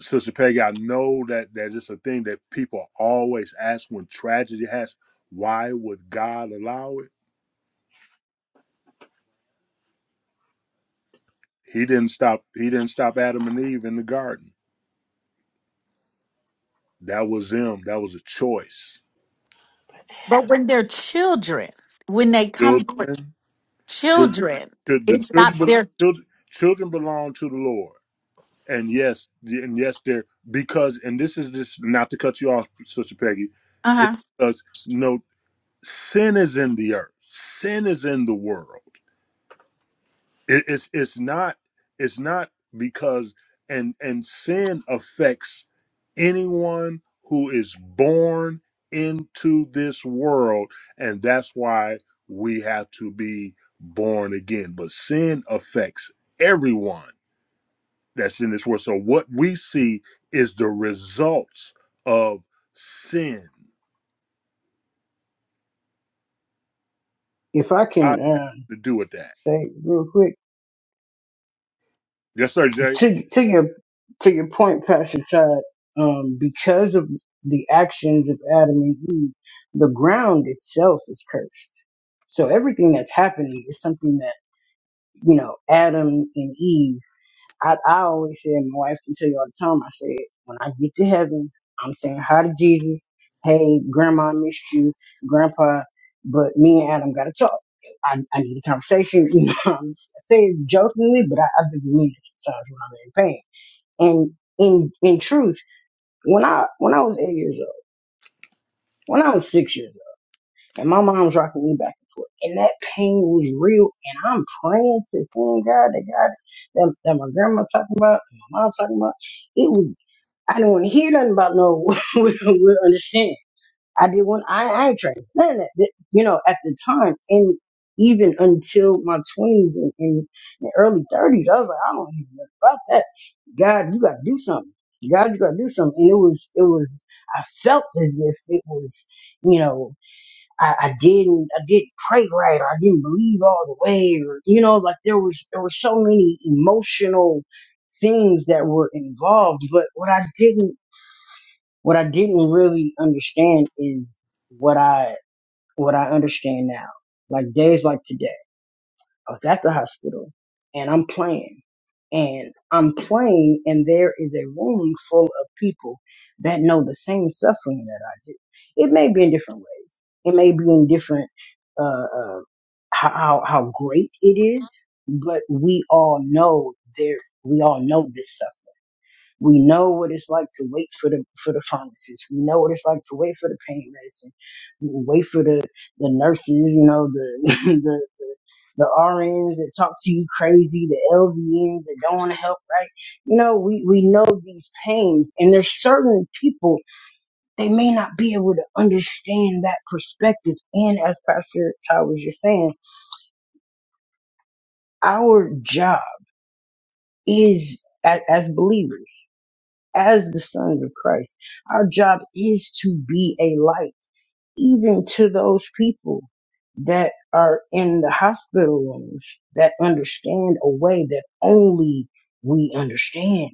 Speaker 3: Sister Peggy, I know that that it's a thing that people always ask when tragedy has why would God allow it? He didn't stop he didn't stop Adam and Eve in the garden. That was them. That was a choice.
Speaker 5: but when they're children, when they
Speaker 3: Children
Speaker 5: come to
Speaker 3: were-
Speaker 5: children,
Speaker 3: the
Speaker 5: it's not
Speaker 3: children
Speaker 5: their.
Speaker 3: children children belong to the Lord. And yes, and yes, they're because and this is just not to cut you off, Sister Peggy.
Speaker 5: Uh
Speaker 3: It's
Speaker 5: huh.
Speaker 3: because no sin is in the earth sin is in the world it, it's it's not it's not because and and sin affects anyone who is born into this world and that's why we have to be born again but sin affects everyone that's in this world so what we see is the results of sin
Speaker 8: If I
Speaker 3: i have
Speaker 8: can um,
Speaker 3: to do with that
Speaker 8: say real quick
Speaker 3: yes sir jay
Speaker 8: to to your to your point, Pastor Todd, um, because of the actions of Adam and Eve, the ground itself is cursed. So everything that's happening is something that you know Adam and Eve. I, I always said, my wife can tell you all the time, I said, when I get to heaven, I'm saying hi to Jesus. Hey, grandma, I missed you, grandpa, but me and Adam got to talk. I, I need a conversation. You know, I say it jokingly, but I, I do mean it sometimes when I'm in pain. And in in truth, when I when I was eight years old, when I was six years old. And my mom was rocking me back and forth. And that pain was real. And I'm praying to the same God that God that, that my grandma talking about, and my mom talking about. It was I didn't want to hear nothing about no we'll understand. I didn't want I, I ain't trying to none of that. That- You know, at the time and even until my twenties and, and, and early thirties, I was like, I don't even know about that. God, you gotta do something. God, you gotta do something. And it was it was I felt as if it was, you know. I, I didn't I didn't pray right or I didn't believe all the way or you know like there was there were so many emotional things that were involved but what I didn't what I didn't really understand is what I what I understand now like days like today I was at the hospital and I'm playing. And I'm playing, and there is a room full of people that know the same suffering that I do. It may be in different ways. It may be in different uh, uh, how how how great it is, but we all know there. We all know this suffering we know what it's like to wait for the for the pharmacist. We know what it's like to wait for the pain medicine. We wait for the the nurses. You know the the the, the RNs that talk to you crazy, the LVNs that don't want to help. Right? You know we we know these pains, and there's certain people they may not be able to understand that perspective. And as Pastor Ty was just saying, our job is as, as believers. as the sons of Christ. Our job is to be a light, even to those people that are in the hospital rooms that understand a way that only we understand,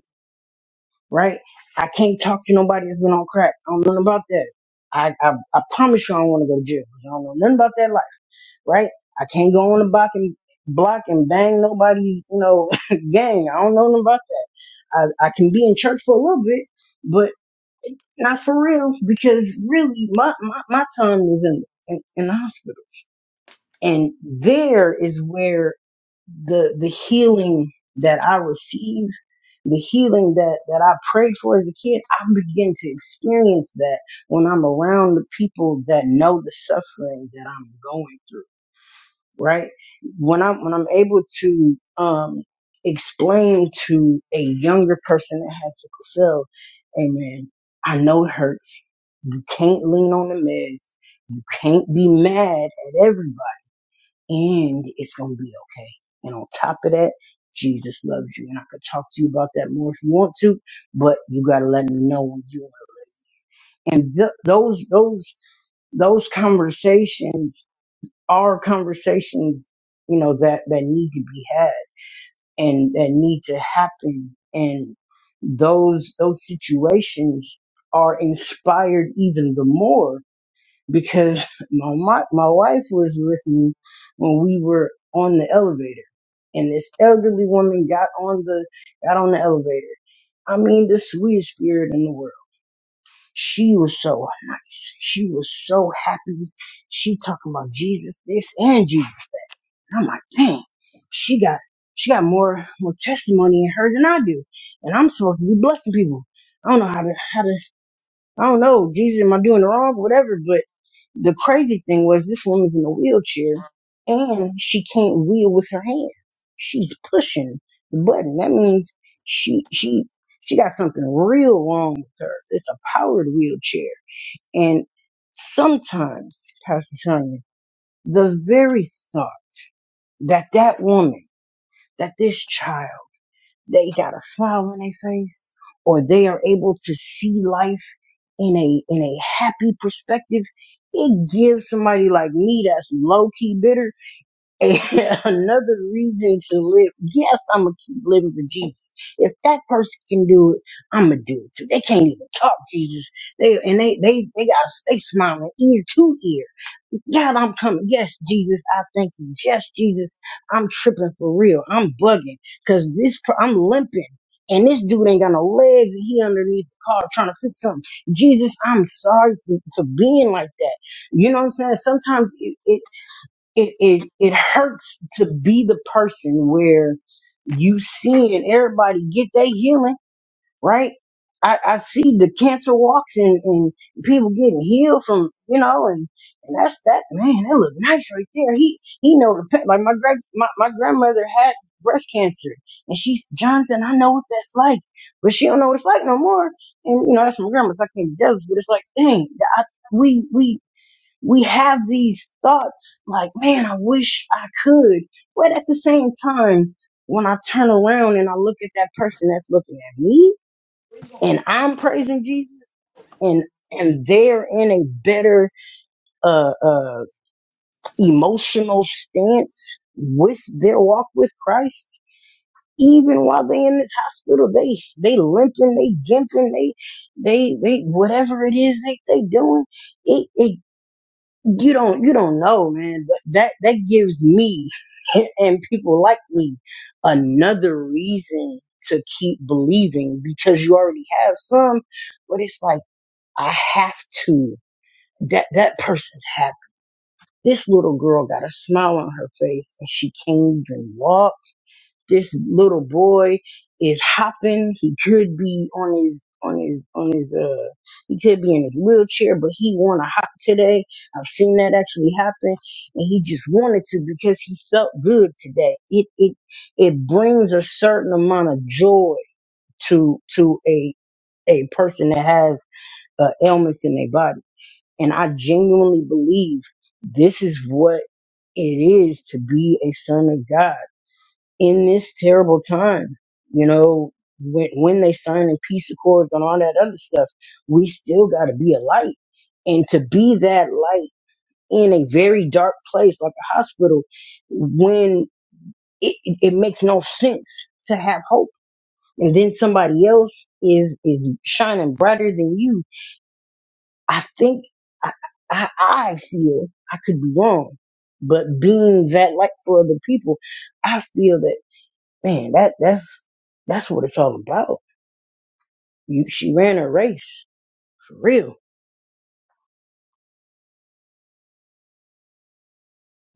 Speaker 8: right? I can't talk to nobody that's been on crack. I don't know nothing about that. I, I, I promise you I don't want to go to jail because I don't know nothing about that life, right? I can't go on the block and block and bang nobody's, you know, gang. I don't know nothing about that. I, I can be in church for a little bit, but. Not for real, because really, my, my, my time was in, in, in the hospitals, And there is where the, the healing that I received, the healing that, that I prayed for as a kid, I begin to experience that when I'm around the people that know the suffering that I'm going through right? When I'm when I'm able to um explain to a younger person that has sickle cell, amen, I know it hurts. You can't lean on the meds. You can't be mad at everybody. And it's gonna be okay. And on top of that, Jesus loves you. And I could talk to you about that more if you want to, but you gotta let me know when you and th- those those those conversations are conversations you know that that need to be had and that need to happen and those those situations are inspired even the more because my my, my wife was with me when we were on the elevator and this elderly woman got on the got on the elevator i mean the sweetest spirit in the world she was so nice she was so happy she talking about jesus this and jesus and I'm like, dang, she got she got more more testimony in her than I do, and I'm supposed to be blessing people. I don't know how to how to I don't know Jesus, am I doing it wrong? Whatever. But the crazy thing was this woman's in a wheelchair and she can't wheel with her hands. She's pushing the button. That means she she she got something real wrong with her. It's a powered wheelchair. And sometimes, Pastor Sonia, the very thought that that woman that this child, they got a smile on their face or they are able to see life in a, in a happy perspective. It gives somebody like me that's low key bitter and another reason to live. Yes, I'm gonna keep living for Jesus. If that person can do it, I'm gonna do it too. They can't even talk Jesus. They and they they they got they smiling ear to ear. God, I'm coming. Yes, Jesus, I thank you. Yes, Jesus, I'm tripping for real. I'm bugging because this per- I'm limping. And this dude ain't got no legs. and He underneath the car trying to fix something. Jesus, I'm sorry for, for being like that. You know what I'm saying? Sometimes it, it it hurts to be the person where you see and everybody get their healing, right? I, I see the cancer walks and, and people getting healed from, you know, and, and that's that man, that look nice right there. He he know the pa- like my great my, my grandmother had breast cancer and she Johnson, I know what that's like. But she don't know what it's like no more. And you know, that's my grandma, so I can't be jealous, but it's like, dang, I, we we we have these thoughts like, man, I wish I could. But at the same time, when I turn around and I look at that person that's looking at me and I'm praising Jesus and and they're in a better uh, uh, emotional stance with their walk with Christ, even while they in this hospital, they they limping, they gimping, they they they whatever it is they they doing, it it. you don't you don't know man Th- that that gives me and people like me another reason to keep believing because you already have some but it's like i have to that that person's happy this little girl got a smile on her face and she can't even walk this little boy is hopping. He could be on his on his on his uh he could be in his wheelchair, but he wanna hop today. I've seen that actually happen and he just wanted to because he felt good today. It it it brings a certain amount of joy to to a a person that has uh, ailments in their body. And I genuinely believe this is what it is to be a son of God in this terrible time. You know, when, when they sign the peace accords and all that other stuff, we still got to be a light. And to be that light in a very dark place like a hospital, when it, it it makes no sense to have hope. And then somebody else is, is shining brighter than you. I think, I, I, I feel I could be wrong, but being that light for other people, I feel that man, that that's that's what it's all about. You she ran a race for real.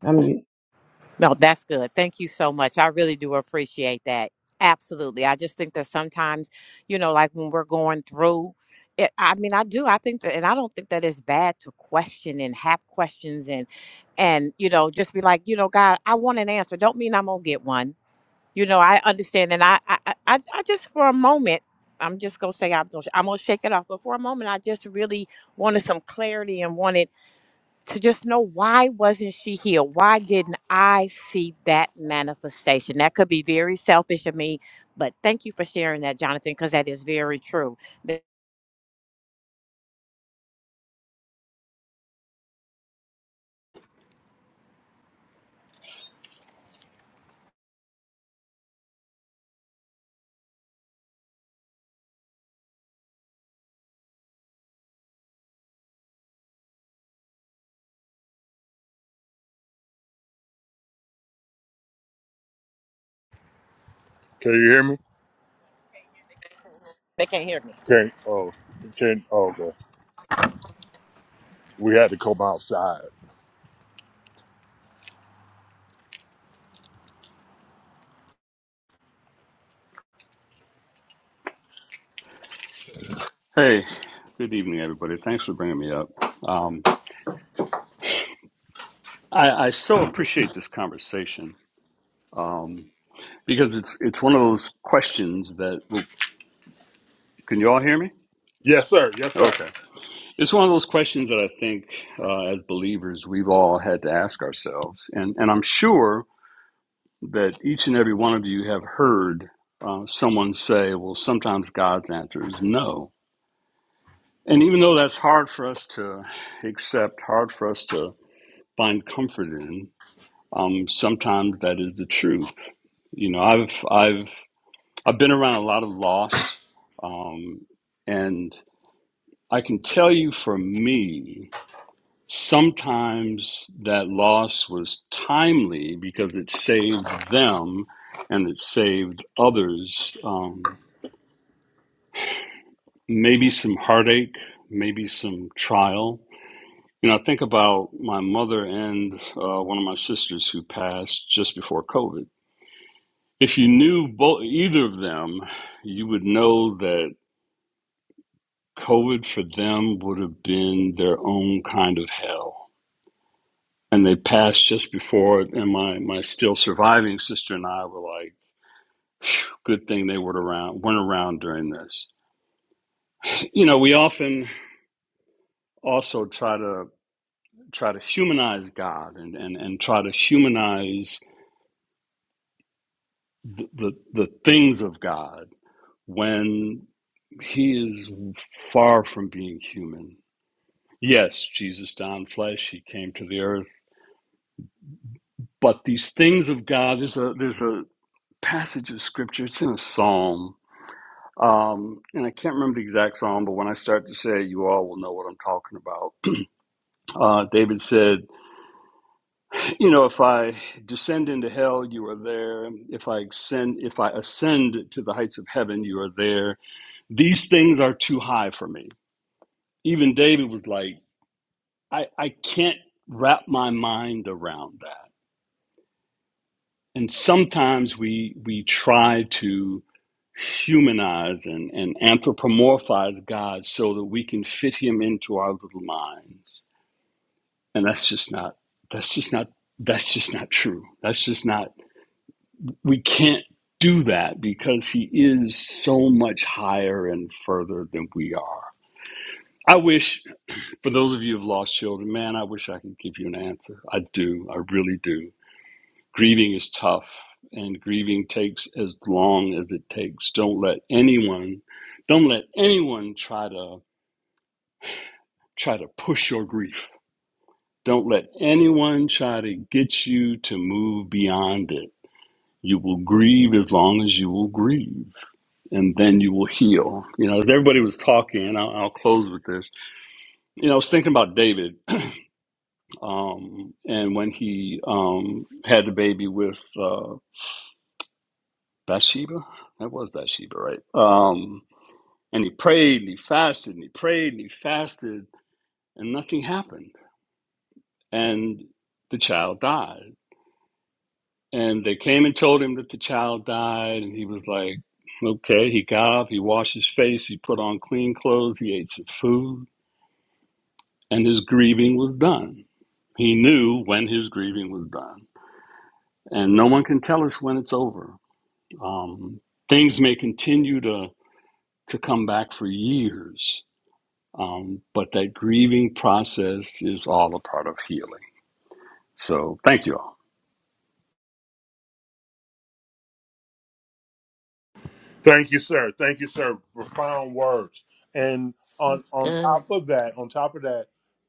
Speaker 8: I mean,
Speaker 1: No, that's good. Thank you so much. I really do appreciate that. Absolutely. I just think that sometimes, you know, like when we're going through it, I mean, I do. I think that, and I don't think that it's bad to question and have questions and, and, you know, just be like, you know, God, I want an answer. Don't mean I'm going to get one. You know, I understand. And I, I, I, I I just, for a moment, I'm just going to say, I'm going to I'm gonna shake it off. But for a moment, I just really wanted some clarity and wanted to just know why wasn't she here? Why didn't I see that manifestation? That could be very selfish of me, but thank you for sharing that, Jonathan, because that is very true. They
Speaker 3: can you hear me
Speaker 1: they can't hear me.
Speaker 3: Can't. Oh, can't. Oh, okay. We had to come outside.
Speaker 9: Hey, good evening, everybody. Thanks for bringing me up. Um, I, I so appreciate this conversation um, because it's it's one of those questions that can you all hear me?
Speaker 3: Yes, sir. Yes, sir.
Speaker 9: Okay, it's one of those questions that I think uh, as believers we've all had to ask ourselves, and and I'm sure that each and every one of you have heard uh, someone say, "Well, sometimes God's answer is no," and even though that's hard for us to accept, hard for us to find comfort in Um, sometimes that is the truth. You know, I've I've I've been around a lot of loss, um, and I can tell you for me, sometimes that loss was timely because it saved them, and it saved others. Um, maybe some heartache, maybe some trial. You know, I think about my mother and uh, one of my sisters who passed just before COVID If you knew both either of them, you would know that COVID for them would have been their own kind of hell. And they passed just before it, and my, my still surviving sister and I were like, good thing they were around weren't around during this. You know, we often also try to try to humanize God and, and, and try to humanize the, the the things of God when he is far from being human Yes, Jesus donned flesh. He came to the earth. But these things of God, there's a there's a passage of scripture. It's in a psalm, um, and I can't remember the exact psalm. But when I start to say, it, you all will know what I'm talking about. Uh, David said, "You know, if I descend into hell, you are there. If I ascend, if I ascend to the heights of heaven, you are there. These things are too high for me." Even David was like, "I I can't wrap my mind around that." and sometimes we we try to humanize and, and anthropomorphize God so that we can fit him into our little minds. And that's just not that's just not that's just not true. That's just not we can't do that because he is so much higher and further than we are. I wish for those of you who've lost children, man, I wish I could give you an answer. I do. I really do. grieving is tough and grieving takes as long as it takes don't let anyone don't let anyone try to try to push your grief don't let anyone try to get you to move beyond it you will grieve as long as you will grieve and then you will heal you know as everybody was talking and i'll, I'll close with this you know i was thinking about david um, and when he um, had the baby with uh, bathsheba that was bathsheba right Um, And he prayed and he fasted and he prayed and he fasted and nothing happened. And the child died. And they came and told him that the child died. And he was like, okay. He got up, he washed his face, he put on clean clothes, he ate some food, and his grieving was done. He knew when his grieving was done. And no one can tell us when it's over. Um, things may continue to, to come back for years Um, but that grieving process is all a part of healing. So thank you all.
Speaker 3: Thank you, sir. Thank you, sir. Profound words. And on
Speaker 2: That's
Speaker 3: on
Speaker 2: good.
Speaker 3: top of that, on top of that,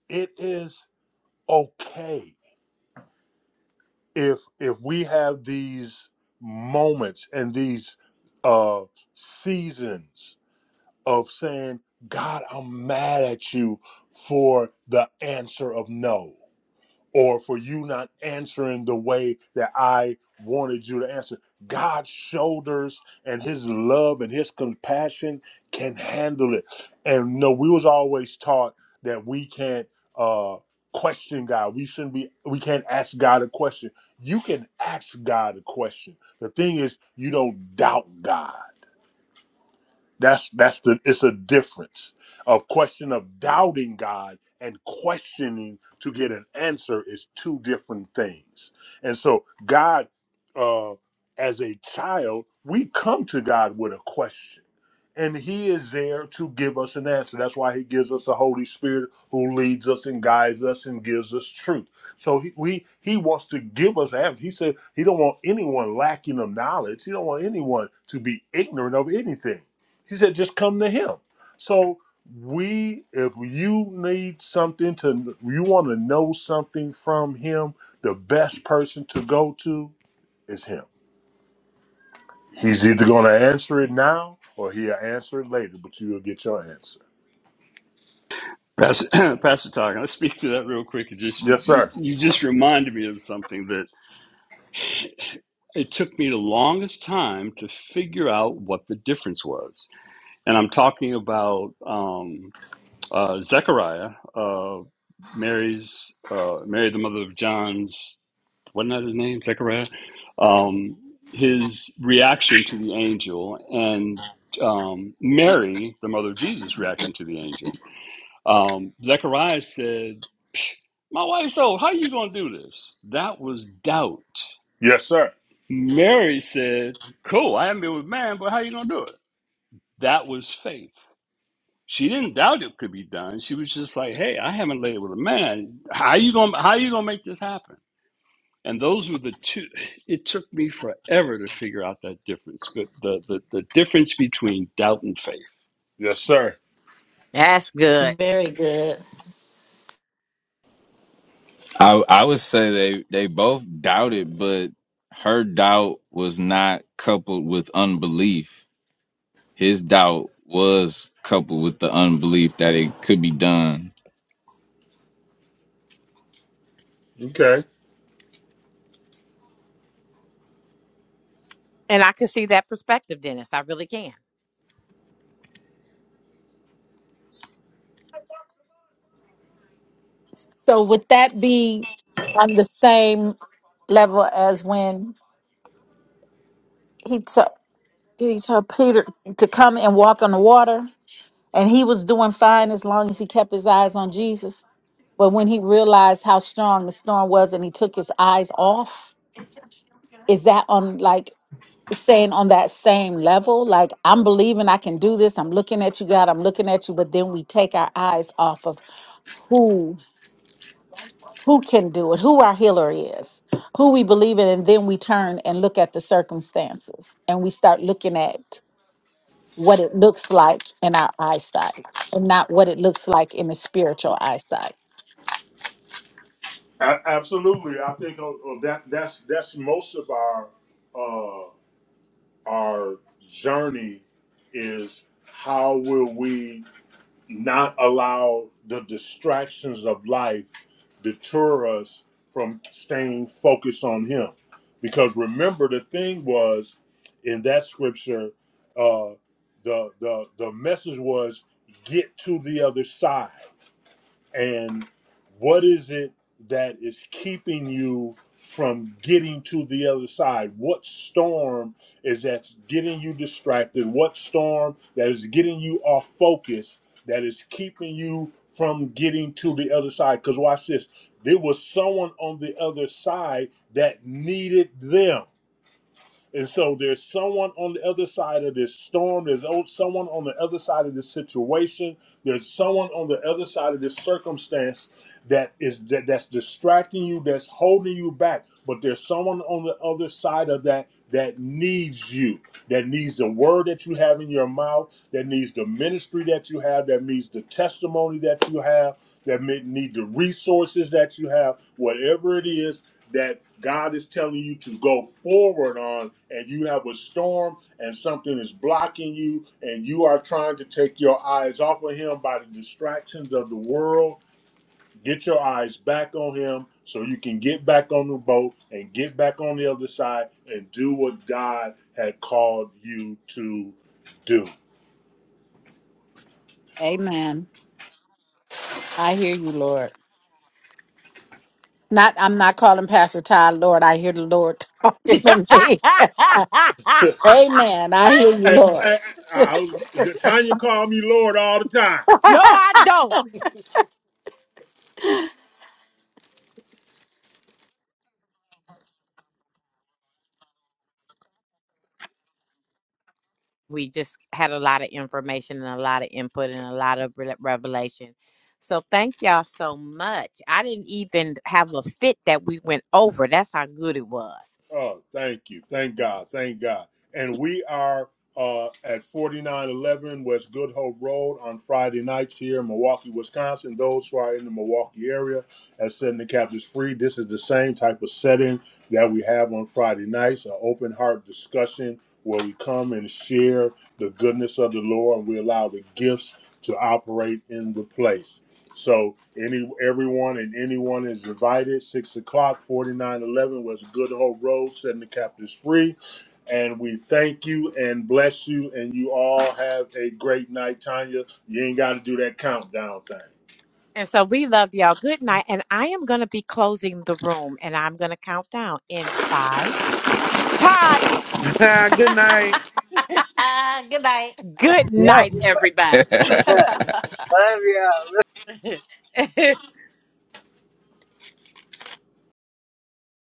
Speaker 3: it is okay if if we have these moments and these uh seasons of saying, God, I'm mad at you for the answer of no. or for you not answering the way that I wanted you to answer. God's shoulders and his love and his compassion can handle it. And no, we was always taught that we can't uh question God. We shouldn't be we can't ask God a question. You can ask God a question. The thing is you don't doubt God that's that's the it's a difference. A question of doubting God and questioning to get an answer is two different things. And so God uh as a child, we come to God with a question. And he is there to give us an answer. That's why he gives us the Holy Spirit who leads us and guides us and gives us truth. So he we, he wants to give us answers. He said he don't want anyone lacking of knowledge. He don't want anyone to be ignorant of anything. He said, just come to him. So we, if you need something to, you want to know something from him, the best person to go to is him. He's either going to answer it now or he'll answer it later, but you'll get your answer.
Speaker 9: Pastor, Pastor Todd, can I speak to that real quick? It just you,
Speaker 3: Yes,
Speaker 9: you
Speaker 3: sir.
Speaker 9: you just reminded me of something that it took me the longest time to figure out what the difference was. And I'm talking about um, Uh, Zechariah uh, marries uh, married the mother of John's. Wasn't that his name? Zechariah. Um, his reaction to the angel and um, Mary, the mother of Jesus' reaction to the angel. Um, Zechariah said, "My wife's old. How are you gonna do this?" That was doubt.
Speaker 3: Yes, sir.
Speaker 9: Mary said, "Cool. I haven't been with man, but how are you gonna do it?" That was faith. She didn't doubt it could be done. She was just like, "Hey, I haven't laid with a man. How you gonna How you gonna make this happen?" And those were the two. It took me forever to figure out that difference, but the the, the difference between doubt and faith.
Speaker 3: Yes, sir.
Speaker 1: That's good.
Speaker 2: Very good.
Speaker 7: I I would say they they both doubted, but her doubt was not coupled with unbelief. His doubt was coupled with the unbelief that it could be done.
Speaker 3: Okay.
Speaker 1: And I can see that perspective, Dennis. I really can.
Speaker 5: So would that be on the same level as when he took? Did he tell Peter to come and walk on the water? And he was doing fine as long as he kept his eyes on Jesus. But when he realized how strong the storm was and he took his eyes off, is that on like saying on that same level? Like, I'm believing I can do this. I'm looking at you, God. I'm looking at you. But then we take our eyes off of who who can do it who our healer is who we believe in and then we turn and look at the circumstances and we start looking at what it looks like in our eyesight and not what it looks like in the spiritual eyesight.
Speaker 3: A- absolutely. I think uh, uh, that that's that's most of our uh, our journey is how will we not allow the distractions of life deter us from staying focused on him because remember the thing was in that scripture uh the the the message was get to the other side and what is it that is keeping you from getting to the other side what storm is that's getting you distracted what storm that is getting you off focus that is keeping you from getting to the other side because watch this there was someone on the other side that needed them and so there's someone on the other side of this storm. There's o- someone on the other side of this situation. There's someone on the other side of this circumstance that is that, that's distracting you, that's holding you back. But there's someone on the other side of that that needs you, that needs the word that you have in your mouth, that needs the ministry that you have, that needs the testimony that you have, that may, need the resources that you have, whatever it is that God is telling you to go forward on, and you have a storm and something is blocking you, and you are trying to take your eyes off of Him by the distractions of the world, get your eyes back on Him so you can get back on the boat and get back on the other side and do what God had called you to do.
Speaker 5: Amen. I hear you, Lord. Not I'm not calling Pastor Todd Lord. I hear the Lord talking to me. Amen. I hear you,
Speaker 3: Hey,
Speaker 5: Lord.
Speaker 3: hey, I, I was, Tanya called me Lord all the time.
Speaker 1: no, I don't. we just had a lot of information and a lot of input and a lot of re- revelation. So thank y'all so much. I didn't even have a fit that we went over. That's how good it was.
Speaker 3: Oh, thank you. Thank God. Thank God. And we are uh, at 4911 West Good Hope Road on Friday nights here in Milwaukee, Wisconsin. Those who are in the Milwaukee area at Setting the Captives Free, this is the same type of setting that we have on Friday nights, an open heart discussion where we come and share the goodness of the Lord and we allow the gifts to operate in the place. So any everyone and anyone is invited. Six o'clock, forty nine eleven West Good Hope Road, setting the captives free. And we thank you and bless you. And you all have a great night, Tanya. You ain't got to do that countdown thing.
Speaker 1: And so we love y'all. Good night. And I am going to be closing the room and I'm going to count down in five. Todd,
Speaker 4: Good night.
Speaker 2: Ah, good night.
Speaker 1: good
Speaker 8: Yo, yeah,
Speaker 1: night, everybody.
Speaker 8: love you